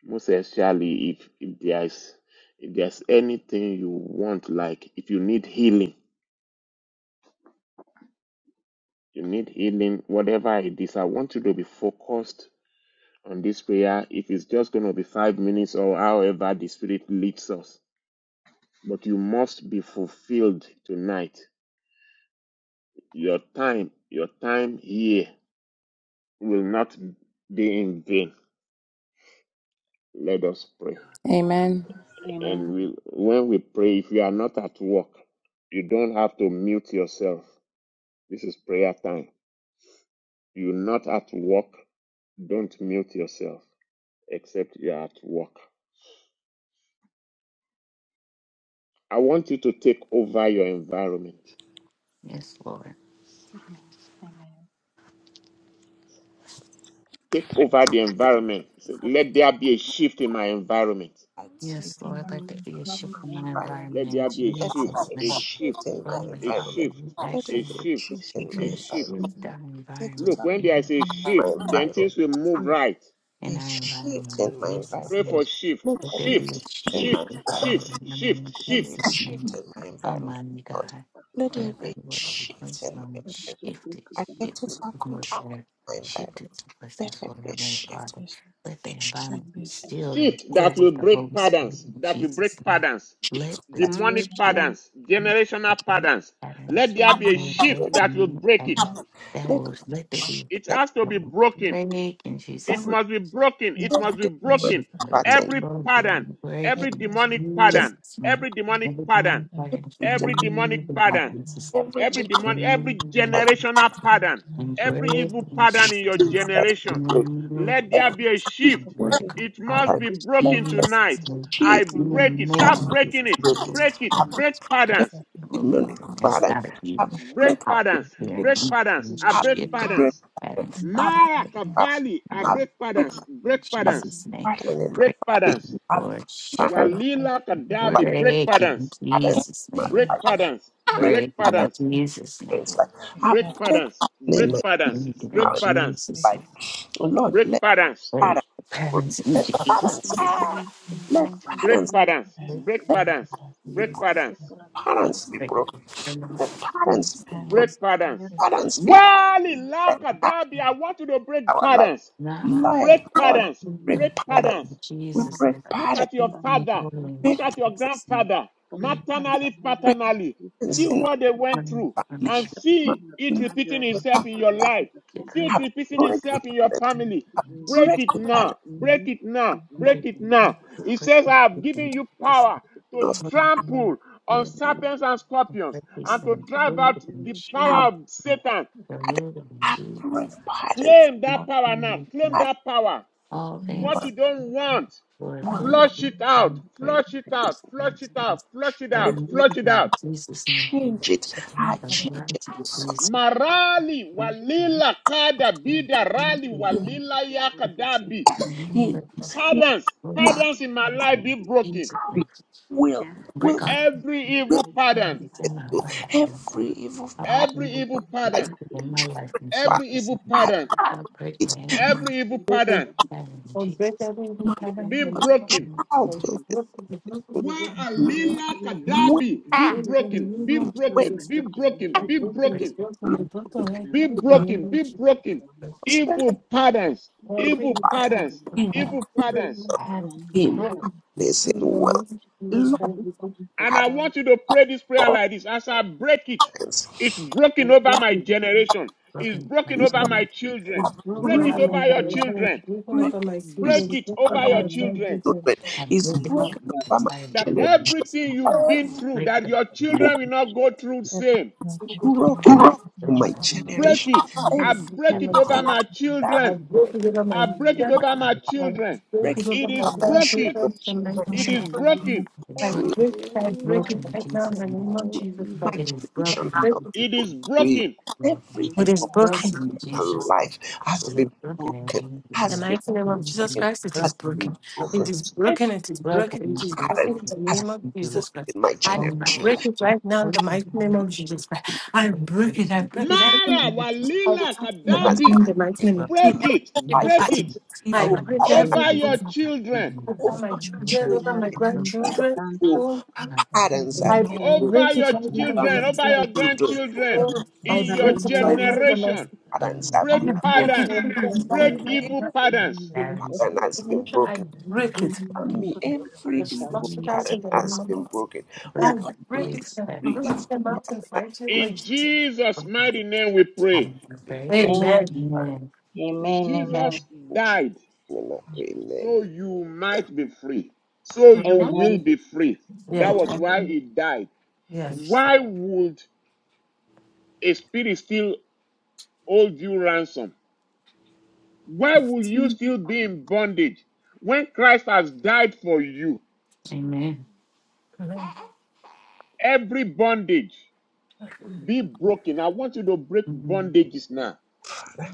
Most especially if, if there's if there's anything you want, like if you need healing, you need healing, whatever it is, I want you to be focused on this prayer, if it's just going to be five minutes or however the Spirit leads us. But you must be fulfilled tonight. Your time, your time here will not be in vain. Let us pray. Amen. And Amen. we, when we pray, if you are not at work, you don't have to mute yourself. This is prayer time. You're not at work, don't mute yourself, except you are at work. I want you to take over your environment. Yes, Lord. Amen. Amen. take over the environment. Say, let there be a shift in my environment. I take Yes, Lord. Let my there Amen. be a shift in my Amen. Let environment. there environment be a in Let there shift, Jesus' be a a name. shift, shift in But my Heavenly a Father, environment. shift, we Let there ask a be you a shift shift, in my a to shift. environment. spirit our Take Ecco, Look, environment total when in, there is a shift, control of my then environment. things will move right. be in a our environment shift in in my Jesus' Pray name. for environment. shift, Let Let there there be a be a shift, shift in shift my shift, in my life environment. shift, in the name shift, of Let there be shift, a Jesus' name. shift in my environment, Almighty God, Lord. Let Signor there whatever be Padre, a it was the shift in first my moment, per il environment. shift it, supplico, I take Signor, shift te it lo total is more control supplico. of better. my Shift it to environment. Let blessings there for be a Heavenly shift. Father. Let the environment be Amen. Signor. stilled and shift that filled will with the break Holy Amen. Spirit patterns, in that will Jesus' break name. patterns, Let Amen. the That demonic shift Amen. patterns, generational principle break patterns. patterns, Let there be a will Amen. break shift the that will moment break it. pattern. That let will let there be It a shift has to that be will broken break in that It Jesus' will must be broken. It must change be the world she's broken. going pattern. Every pattern, broken, every breaking, demonic Change pattern, Jesus, man. every demonic Every pattern, demonic fire is the general every demonic Amen. removing pattern. in Signor pattern, Jesus, every every Padre, te general lo demonic, every removing in pattern generational Jesus, pattern, every evil embracing in pattern in your Jesus, name. that generation. will removing Let in there every be a Jesus, name. supplico, shift. word let it come It per il out must pattern. be in supplico. Let broken there be a Jesus' tonight. name. I shift Amen. break Amen. it. that Amen, Start in will breaking Jesus' it. name, break it. Holy Break it. I Spirit, break Holy Break Spirit, come patterns. the remove demonic anything that's pattern. not of you I Break break out of patterns. here Break it. and patterns. and I Signor, shift break it. amen. Abre, patterns. That is not abre, Mara Kabali. Not I abre, allowed. break break. patterns. In Break abre, patterns Jesus' name. Father, in my break Break it, family, patterns. abre, Lord, shift Father, it, in Walila my Kadabi, break break it in patterns, parents, Jesus' in name. break my life, patterns, break. break Break it Father, in in patterns, Jesus' my name. friends' life, abre, break patterns, Father, in break my patterns, Break it break in marriage patterns, life. Jesus' Like, name. Lord, break let patterns, Break the patterns in Jesus' parents be broken. Amen. Let break parents be broken. Let parents, Amen. patterns, name. Amen. break Amen. let patterns, break people, Jesus, Nyasi patterns, fulani parents be break zilizokunjwa na broken. them Let off. zilizofunikwa My parents, parents Jesus, break patterns. nyasi parents be broken. Walila Let Kadabi, I name. want you to break Our life, patterns, Not a life, break Lord, patterns, hizi break them break parents. patterns, in We Jesus' break name. zimewekwa Look at parents. your Break zimepangwa me father. whole in Look Break vizuri at your Jesus' name. grandfather, vizuri Break na the maternally, sambamba na paternally. See vitu from parents what ambazo they went I'm through break the and shame. zinahitajika see kusanywa it pamoja repeating ili itself in katika your life. wanawake na See vijana Break it them pattern, kusaidia repeating from itself in your shame. Break them family. from Break break it the pattern now. Break jamii it kwa now. Break mfano it now. did shame. It tunashuhudia Break says, I have them given from tunashuhudia you kwa shame. kuna power to vijana of break trample on hali sana kwa serpents and scorpions these and hiyo to things, mkono drive bring kwa out it in sisi the Jesus' our power of name, Satan. pattern. remove it in I tutafanya break Jesus' pattern. bila Claim name, that all power now. things, you Claim know, I that power. all not What things, you just don't want, Lord, will want break not flush it, it out, and break flush it kuhisi out, this flush man's it kufanya out, things, flush it Lord, break. out, sisi remove flush it it out. in Jesus' name, Change it. shut down I other the change people it. lies of Jesus, Marali name. remove it walila kada in bida Jesus' rali name, walila tunashuhudia kwa yakadabi. dabi. sababu tunaweza remove It, it in kupata Jesus' it, name, Patterns, it patterns in my life be broken. with will, Ya, break on, will Every evil claro, porque pattern, problems sí, it's in my no do se puede life, hacer, every entonces, evil all pattern. every evil evil y está I pattern, purposes mal, sí, in my no break life in estamos en back. every esa Jesus' name. evil I pattern, oportunidad, y I pray también, that break it. My anyone every evil sí, se Okay. pattern puede, in Or break Jesus' every evil yo sí sé pattern in be que the no name of estamos broken. name. en Jesus. esa child Or this will opción work will be done in the Wa blood of the Lord in be the original, last alila name of Jesus. que way, Christ. kadabi be In the broken, be name of no hay relación, way Jesus. broken, be bueno, Christ. que no broken, está We be bien, broke no in se the Praise broken, hace blood from the the su broken like Be now in perseverancia, the name broken, of be Jesus. broken. Lord. jugando por prosperous Juan, Evil patterns, Every evil evil pattern, patterns, amén. Okay. in evil every patterns. evil pattern Ya, y be in por cada broken happiness in the and name wealth. of uno Jesus de Lord, Christ. We broke nosotros, por And had I todos, want you to pray this prayer all like this as I break it. kinds. It's the broken over my broken sí, generation, it's Broken broken over my amén, collection, children. It's broken Break broken. it over my amén, over your amén, generation, It's children, broken break over my future, break is It's it broken broken over over over your my chin. amén, time children. future. my children, I'm is broken broken amén, Señor, up from the over my entire That room. generation. everything you've been Every through, Break that up your the man. children will not go through the to that same. not So good. continue broken and over my that amén, the Break generation, it. not every I break I've it been over my that continue I children. go to break give it amén, off I my break amén, from it my children. over my I children. children. go to broken. breaking give It from my is over my I broken. children, grandchildren. teach And you my is my It children. is working Jehovah children amén, amén, broken. I've I through been break, I every break broken it in right now in Jesus' the name. name of ancestral Jesus my not Christ. It evil is to broken. generation I in break wicked not it. Jesus' It is name. through broken. Lord. Every It It's is amén, evil part broken broken. lives of in of is Jesus' my name. working life has It been is broken in not broken, Jesus' In the has name. been mighty It name of Jesus is broken, Christ, it is has broken, broken. been that It broken. broken, is Every broken. It is broken broken. in It is Jesus' broken pattern in name. the has I name of Thank you, Lord. Jesus been Christ. in my I Oh generation my God. break and it It's right now in the broken, mighty name broken, of Jesus Christ. I broken break in it. I break it. Jesus' Every Mara name. It's I break walila it Broken, right has now kadabi. in the mighty name. broken of- been in Break Every it. my in evil life. Jesus' Break Every party. it. name. I Over evil amén, my break amén. pattern every Over children, evil your party. my children. family, over Over my my children, over children, over Señor, my over amén, Padre grandchildren. Santo, evil Oh, my family, over my family, over en my patterns tu you, have I nombre Lord. been broken. Over bendito, break I your it right Señor. thank now in the Over children. you, Lord. next Over your life. my children, grandchildren. every Lord, In I evil your break Amén, evil it right now amén, in the generation. next patterns Um, have I Break been Señor, que thank you, break broken. it patterns. todo right now sea in Over the Break me, revelado next evil life. para ti, no hay patterns. nada evil parents, pattern imposible. has been ignition. I broken. my No parents break te hay it. Over nada me, did people. imposible, I every and Padre Santo. evil flush it out please, pattern in the you has name of been Jesus. broken. I broken, Over break me, you, it. I every flush evil parents. them out in fighting Lord In Jesus. Jesus' Great. mighty name we pattern pray. and has been Amen. Amén, broken. Amen. amén, amén, Jesus In Jesus' died name, I pray. so Amen. you might be free. So you Mhm. will amén, be free. That Yeah. was why he died. Yes. It's- Why would a spirit still hold you ransom? Why will you still be in bondage when Christ has died for you? Amen. Amen. Every bondage be broken. I want you to break Amen. bondages now.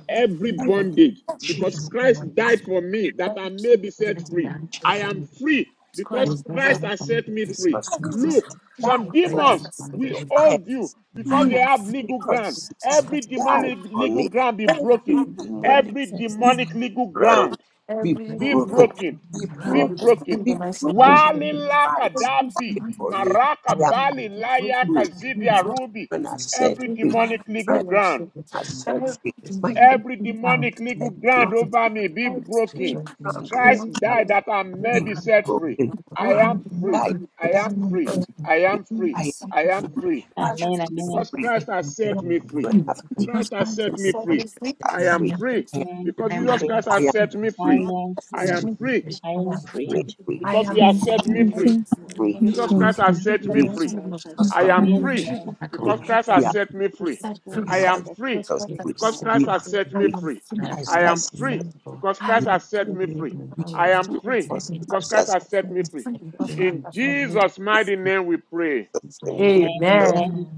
Every Amen. Oh, bondage, if because Jesus, Christ I it's died for me that I may be set meant to free. die I for Okay. it. am me, free thank because You Christ, will and you Christ come has from set the me person free. because Hmm. Jesus God Look, is some died right for. demons from has will bondage. forgiven I me. hold you Amen. I because they free am have free legal from because ground. Christ Every died demonic for legal me. ground be Every broken. demonic Every Amen. demonic legal ground ground be be broken, Everything broken, be be grounded broken, broken. in the be nice broken nature because Wali laka Christ dabi, died for me. Everything maraka I you am bali layaka free. My zidia rubi. children are set Every free. My demonic legal friends ground, are set free. My children every demonic are set legal free. ground over me be The broken. church Ground over ministries Christ They died me that I of the may be be name set free. broken. of I Christ Welcome, am free. died welcome. so I that am I'm on I the free. am I free. am free. I as am I am sacrifice. free. As much a amén, amén, amén, amén. Because free. sacrifice. Christ has In My set me free. children Because Christ are has Christ free. set has me said free. this free. I'm I I am am free. free. free I am because I'm free. I Jesus am free, Christ I has am free. set me I free. free. am I free, Jesus am Second, free I I am am free, free. Teach free. I Jehovah, because I he am has I am free. set am me free. And free, free. it's in I The am Free. name of Jesus free. God. We are Christ Set has I free in set the am me free. free. Jesus mighty free. name Christ of has Jesus Jesus. I set Christ am me We Amen, free free. amen, I free. because am Christ We has are free. set me free. Jesus are free Christ I Christ has because has am set set me free Christ I us am free. set free because Jesus Christ free. has free. set I because me am We Christ free. are has free. set I am me free. free. free. Jesus I Christ Christ has am set has set free me free. because I I Christ us. am am has set free. free. me free. Because I Jesus am I Christ am has free set me free. because Christ Christ free. has has Has I set set me am me free. free because Christ In has set me free. Jesus' mighty name we pray. set us free. free. amen, Amen. amen, Amen.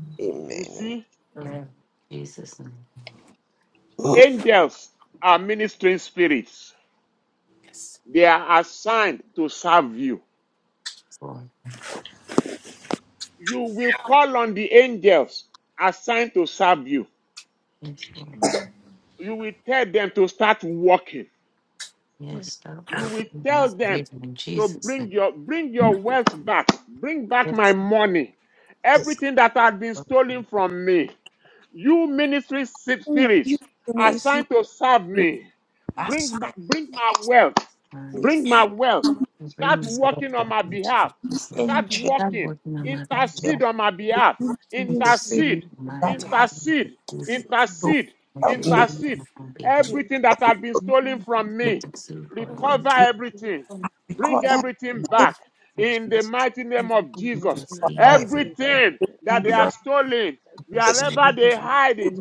You Amen. see, Amen. Jesus' name, angels are ministering spirits. They are assigned to serve you. Lord, You will call on the angels assigned to serve you yes, Lord, Amen. You will tell them to start working yes, start you working will in tell my them favor in to Jesus' bring name. your bring your wealth back bring back my Yes, money Jesus. everything that had been Lord, for stolen the from me you ministry si- Oh, You spirits goodness assigned to serve free. me bring my, Assign bring my wealth sign me. to bring my wealth start bring me This wealth working on back my in Jesus' behalf name. start angel. Start working working on my intercede behalf. on my behalf Amen. This spirit intercede Intercede on my that Glory to God. has intercede behalf. Please Seek to intercede help intercede me. intercede on my behalf. Free. everything that had been stolen from me Intercede for all recover everything, bring Because everything, everything my back in the Jesus. mighty name of Jesus. Intercede. by in everything, my Everything that they behalf. have My stolen, Jesus. Intercede. wherever they hide it,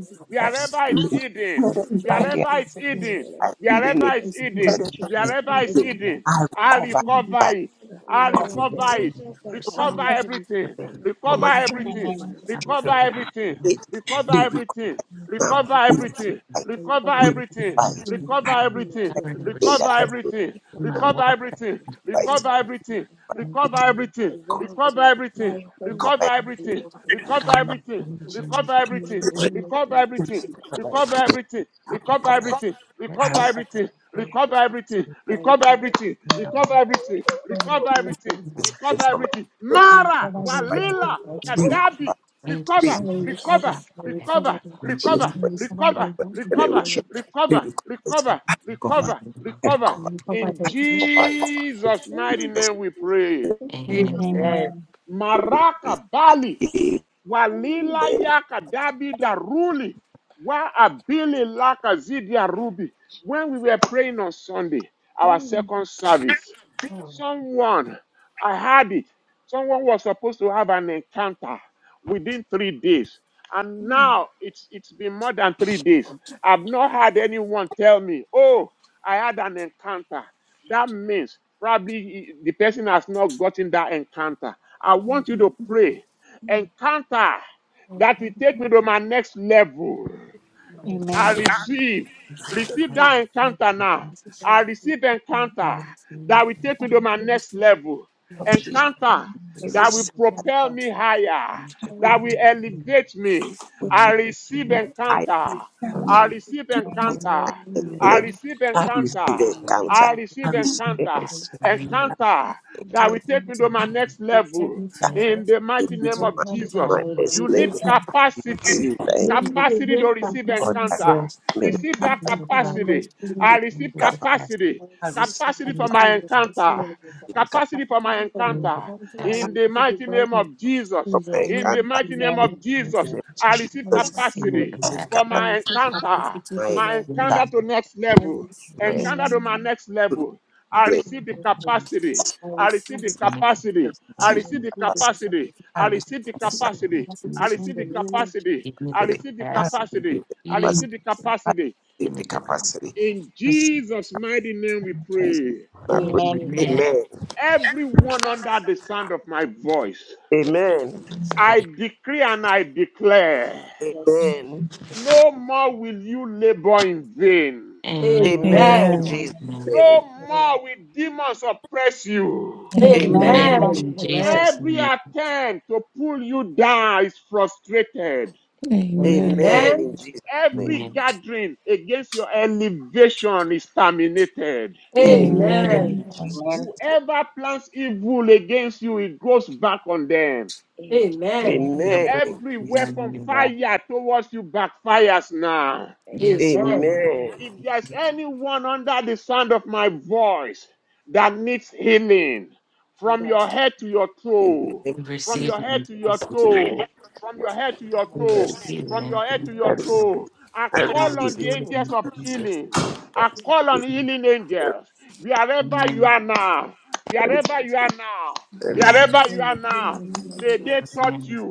for wherever it's Absolutely. hidden, me. him By to the wherever it's hidden, my life. Seek him life, my wherever exceedingly life it's hidden, Yes. Father, and teacher in hope I wherever my it's bring abundantly. it back hidden, I in I them. recover behalf. recover by it. mind. Oh, I recover Lord, the recover Listen it. and angels that never have Recover song. Whatever everything. Covered in been from Recover my peace. assigned to everything. my I'm life Recover to covered in teach you. everything. peace. faith. Covered Recover They recover everything. now. Amen. in Recover We peace. everything. fight. Recover We everything. fight. Jesus. Recover I I'm everything covered in I think recover that was has soul. been everything, away from In my from me, me. recover oh walk. Lord, everything, my Right. recover finance, everything, my recover health, everything, my route, recover everything, my Jesus. home, recover recover. my teacher, everything, my recover um, everything, recover regions teachers. everything, Amen. Amen. recover everything, Recover. recover everything, that recover Recover. everything, I recover recover like everything, recover everything, recover everything, recover freedom everything, recover everything, this thing recover from my everything. from Mara, of right. seeing Walila, They this Kadabi, recover. and to They recover, see recover, that recover, when she recover recover, from my needs to generation. recover, Of my recover, generation. They recover, recover it. see recover, I recover. it. recover, freedom. I recover. recover. In Recover. it. Jesus' mighty Jesus. name we pray. Amen. amen, Amen. amen, Maraka Bali Amen. walila yaka dabi daruli wa abili laka zidia rubi. When we were praying on Sunday, our second service, someone I had it. Someone was supposed to have an encounter within three days, and now it's it's been more than three days. I've not had anyone tell me, "Oh, I had an encounter." That means probably the person has not gotten that encounter. I want you to pray encounter that will take me to my next level. I amen, amen. receive. Receive that encounter now. I receive encounter that will take me to my amen. next level. Amen. Encounter Every that will sin propel me higher, will that will elevate me. will I Oh, proclaim, receive Lord. I encounter. I will I receive take it encounter. and I slave. receive I receive encounter. Amen. Amen. encounter. I I receive It's receive encounter. Lucas encounter. Serene. Encounter that will encounter. take me to my next level in the Take mighty it name to of my Jesus. my You slave. need I capacity receive Then they Capacity hear to from receive encounter. encounter. Jesus May the Receive that in capacity the language, capacity. I receive in the cover. past, capacity. I I receive receive Capacity in for the capacity my in the passages, mighty encounter. name of Jesus. capacity Capacity for my Capacity for in my the past, in the encounter. encounter, I In passage, the receive it mighty right name now. of Jesus. from In the my In name encounter. the of mighty Jesus name In Christ, Amen. of I the Jesus. name receive. of I receive I Jesus, receive in the capacity it. receive for capacity, I capacity my receive encounter. capacity my for My my encounter. encounter encounter. to next I level. receive My Encounter Jesus, to my Amen. next level. I encounter goodness, pray to my receive the for destiny. Jesus, capacity. I I receive receive the the in the capacity. capacity. I I receive receive fascination, the receive the capacity. capacity. capacity. I in I the receive receive the I receive capacity the capacity. of capacity. capacity I Jesus, in receive the the name of capacity. give Jesus. me I the capacity. receive the I capacity of capacity. receive I the capacity. receive the Jesus, I capacity. give receive me the the capacity. capacity. I In receive Jesus' mighty name we Jesus. pray. my breath. Amen. Amen. Amen. Amen. Amen. Everyone under the sound of my voice, Yes. Amen. Yes, I Lord. decree and I declare, yes. Amen. Yes, Lord. no more will you labor in vain. Amen. In Amen in Amen. Amen. Jesus' Jesus' Amen. name. name. No Amen. more will demons oppress you. Amen. Amen. Amen. Amen. Amen. In Amen. Jesus' Every name. attempt to pull you down is frustrated. Amen. Amen. Amen. Amen. Amen in Jesus' name. Every Amen. gathering against your elevation is terminated. Amen. Amen. Amen. Amen. Amen. Amen. Jesus. Whoever plans evil against you, it goes back on them. Amen. Your Amen. blood Every is running weapon in wrath. fired towards you backfires now. Yes, Amen. Lord. Amen. Amen. If there's anyone under the sound of my voice that needs healing from your head to your In the toe, name We from receive your it head in to your Jesus. name. of Amen. toe, from your head to your We I toe, receive, receive it from your in head to I your Jesus' receive, name. toe, I I We call on receive the it. receive it angels in of Jesus' healing. I I receive call on it. name. healing angels. Wherever you Amen. are now, I receive, wherever you are now, I receive. wherever Amen. you are In the now, name of may they Jesus. touch Amen. you.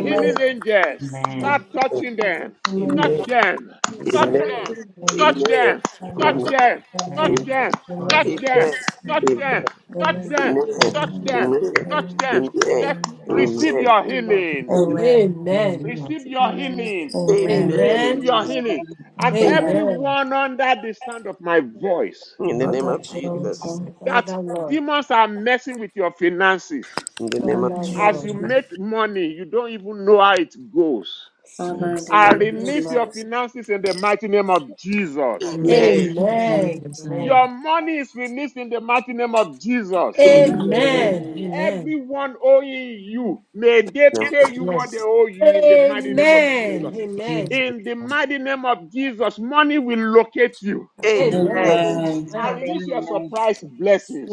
Healing angels, Receive, start Amen. Amen. touching them. Amen. Touch Amen. them. This is Touch Amen. Amen. them touch Amen. them, Amen. touch for Amen. Amen. them, touch Amen. Amen. them, touch Amen. For them, Jesus. Amen. touch Amen. Amen. For them, Amen. Amen. touch Jesus. Amen. Amen. Amen. them, receive, touch Amen. them, receive, Amen. touch them. receive, Touch. Receive receive, Amen. your healing, receive. Amen. Lord. It's Amen. Amen. receive mighty your Amen. Jesus. healing, Amen. Amen. Amen. Amen. In receive Amen. Amen. your Jesus. healing. Amen. And Amen. Amen. Amen. Amen. everyone under the sound of my voice, In the name name Father of of Jesus. Jesus' Jehovah, name. Yes. that Father Lord. demons are messing with your finances. In the in the Father name of Jesus. name As of Lord. you Lord. Jesus. make money, you don't even know how it goes. Yes, Father, in Yes, the Lord. I Lord. name of release Hmm. Yes, your Jesus. Lord. finances in the mighty name of Jesus. In the Say Amen. name Amen. of Amen. Amen. Jesus' Amen. Your name. money is released in the mighty name of Jesus. Amen. In the Amen. Amen. name Amen. of- Amen. Amen. Everyone owing you, may they Amen. name pay you Jesus. what they Yes, owe you in the mighty in name of Amen. Jesus. Amen. Amen. Jesus' In the name. mighty name of Jesus, money will locate you. Amen. Amen. Amen. Amen. Amen. I Amen. release your Amen. surprise Jesus. blessings.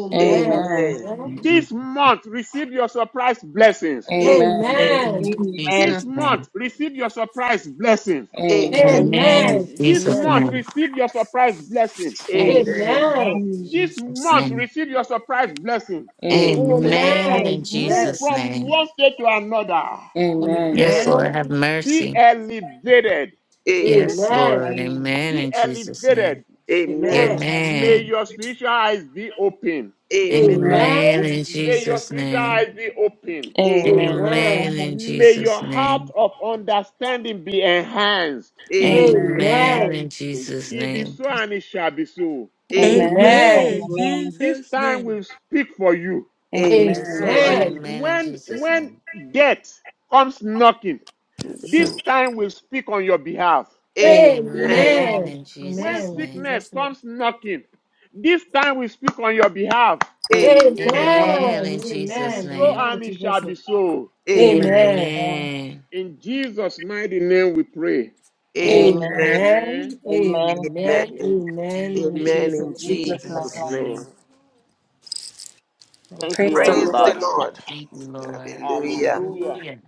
Amen. Amen. Amen. Amen. In Amen. This Jesus' name. month, receive your surprise blessings. Amen. Amen. Amen. Amen. Amen. In Amen. Amen. This Jesus' month, name. receive your surprise blessings. Amen. Amen. Amen. Amen. Amen. Amen. Amen. Amen. In Amen. This Jesus' month, name. receive your surprise blessing. Amen. Amen. Amen. Amen. Amen. Amen. In Amen. Amen. Amen. This Jesus' month, name. receive your surprise blessing. Amen. Amen. A- Amen. Amen. In Move Jesus' Amen. from name. one state to another. Amen. Yes, Lord. Have Be mercy. elevated. Yes, Amen. Lord. Amen. Be In Jesus' name. elevated. Amen. Amen. Amen. Amen. May Amen. your spiritual eyes be open. Amen. Amen. Amen. Amen. In May your Jesus' spiritual name. eyes be open. Amen. Amen in May your Jesus' heart name. of understanding be enhanced. Amen Amen. Amen. Amen in Amen. Jesus' It is name. so and it shall be so. Amen. Amen. Amen. In This Jesus' time name. will speak for you. Amen. Amen. Yes, Amen. Lord. Amen in When Jesus' when name. death comes knocking, In the this name. of- time will speak on your behalf. Amen. Amen. Amen. Amen. Amen. Amen. Amen. Amen. Amen. Amen Amen. in When Amen. Jesus' Amen. Amen. name. sickness Amen. comes knocking, this time will speak on your behalf. Amen. Amen. Amen. Amen. Amen in It Jesus' Amen. is so name. Amen. and With your it shall be blessing. so. Amen. Amen. In Jesus' mighty name we pray. Amen. Amen. Amen. Amen. Amen. Amen. Amen. Amen. Amen. Amen. Amen. Amen. Amen. In Amen Amen. In in In Jesus' name. Jesus' Jesus' Jesus' name. name. name. Thank Thank you, Praise you. the Praise the Lord. everybody. Lord. Thank you, Lord. Hallelujah. Hallelujah. Hallelujah.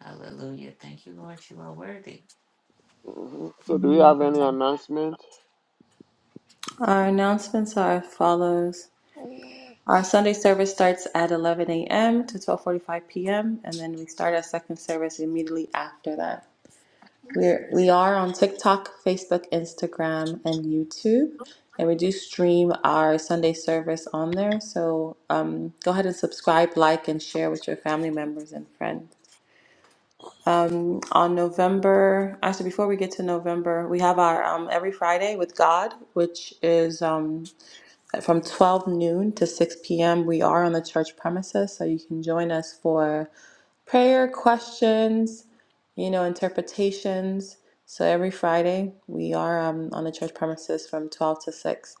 Hallelujah. Thank you, Lord. You are worthy. Mhm. So, do we have any Amen. announcement? Our announcements are as follows. Our Sunday service starts at 11 a.m. to 12:45 p.m. and then we start our second service immediately after that. We're, we are on TikTok, Facebook, Instagram, and YouTube. And we do stream our Sunday service on there. So um, go ahead and subscribe, like, and share with your family members and friends. Um, on November, actually, before we get to November, we have our um, Every Friday with God, which is um, from 12 noon to 6 p.m. We are on the church premises, so you can join us for prayer questions, you know, interpretations. So every Friday we are um, on the church premises from 12 to 6.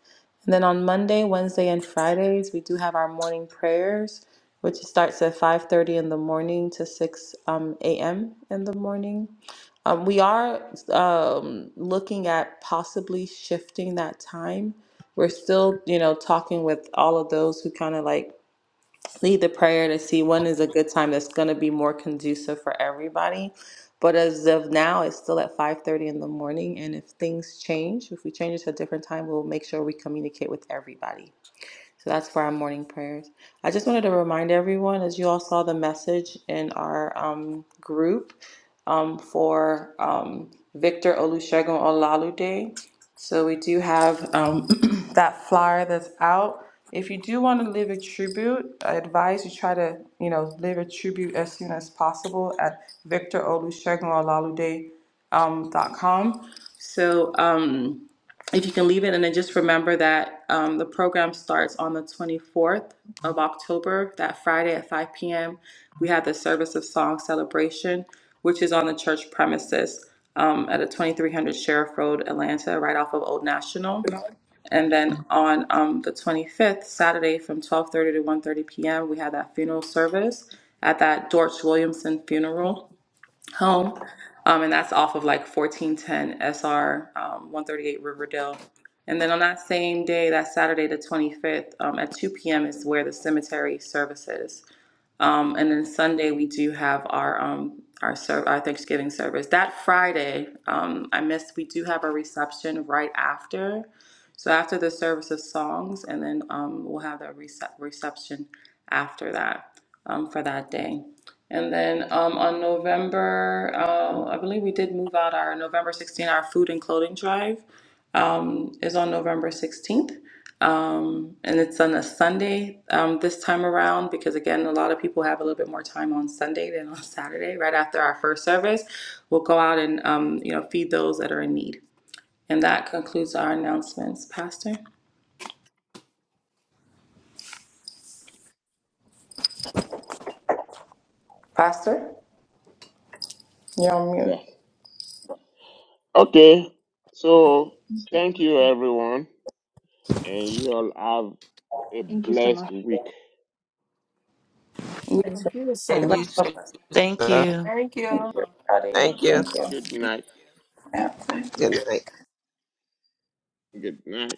And then on Monday, Wednesday, and Fridays, we do have our morning prayers, which starts at 5:30 in the morning to 6 um, a.m. in the morning. Um, we are um, looking at possibly shifting that time. We're still, you know, talking with all of those who kind of like lead the prayer to see when is a good time that's going to be more conducive for everybody. But as of now, it's still at 5:30 in the morning, and if things change, if we change it to a different time, we'll make sure we communicate with everybody. So that's for our morning prayers. I just wanted to remind everyone, as you all saw the message in our um, group um, for um, Victor Olusegun Olalude. So we do have um, that flyer that's out. If you do want to live a tribute, I advise you try to, you know, live a tribute as soon as possible at victorolusegunolalude.com. Um, dot com. Um, so, um, if you can leave it and then just remember that um, the program starts on the 24th of october that friday at 5 p.m we have the service of song celebration which is on the church premises um, at a 2300 sheriff road atlanta right off of old national and then on um, the 25th saturday from 12.30 to one thirty p.m we have that funeral service at that dorch williamson funeral home. Um, and that's off of like 1410 SR um, 138 Riverdale. And then on that same day, that Saturday, the 25th, um, at 2 p.m., is where the cemetery services. Um, and then Sunday we do have our um, our ser- our Thanksgiving service. That Friday, um, I missed. We do have a reception right after, so after the service of songs, and then um, we'll have the recep reception after that um, for that day. And then um, on November, uh, I believe we did move out our November 16th. our food and clothing drive um, is on November 16th um, and it's on a Sunday um, this time around because again, a lot of people have a little bit more time on Sunday than on Saturday. Right after our first service, we'll go out and um, you know feed those that are in need. And that concludes our announcements, Pastor. Pastor, you're on mute. No. Okay. So, thank you, everyone. And you all have a Thank you so much. blessed week. You too. Thank you, sir. And Everybody, you God too, bless. Thank sir. you. Thank you. Thank you, everybody. Thank you. Thank you. Good night. Yeah. Good night. Good night.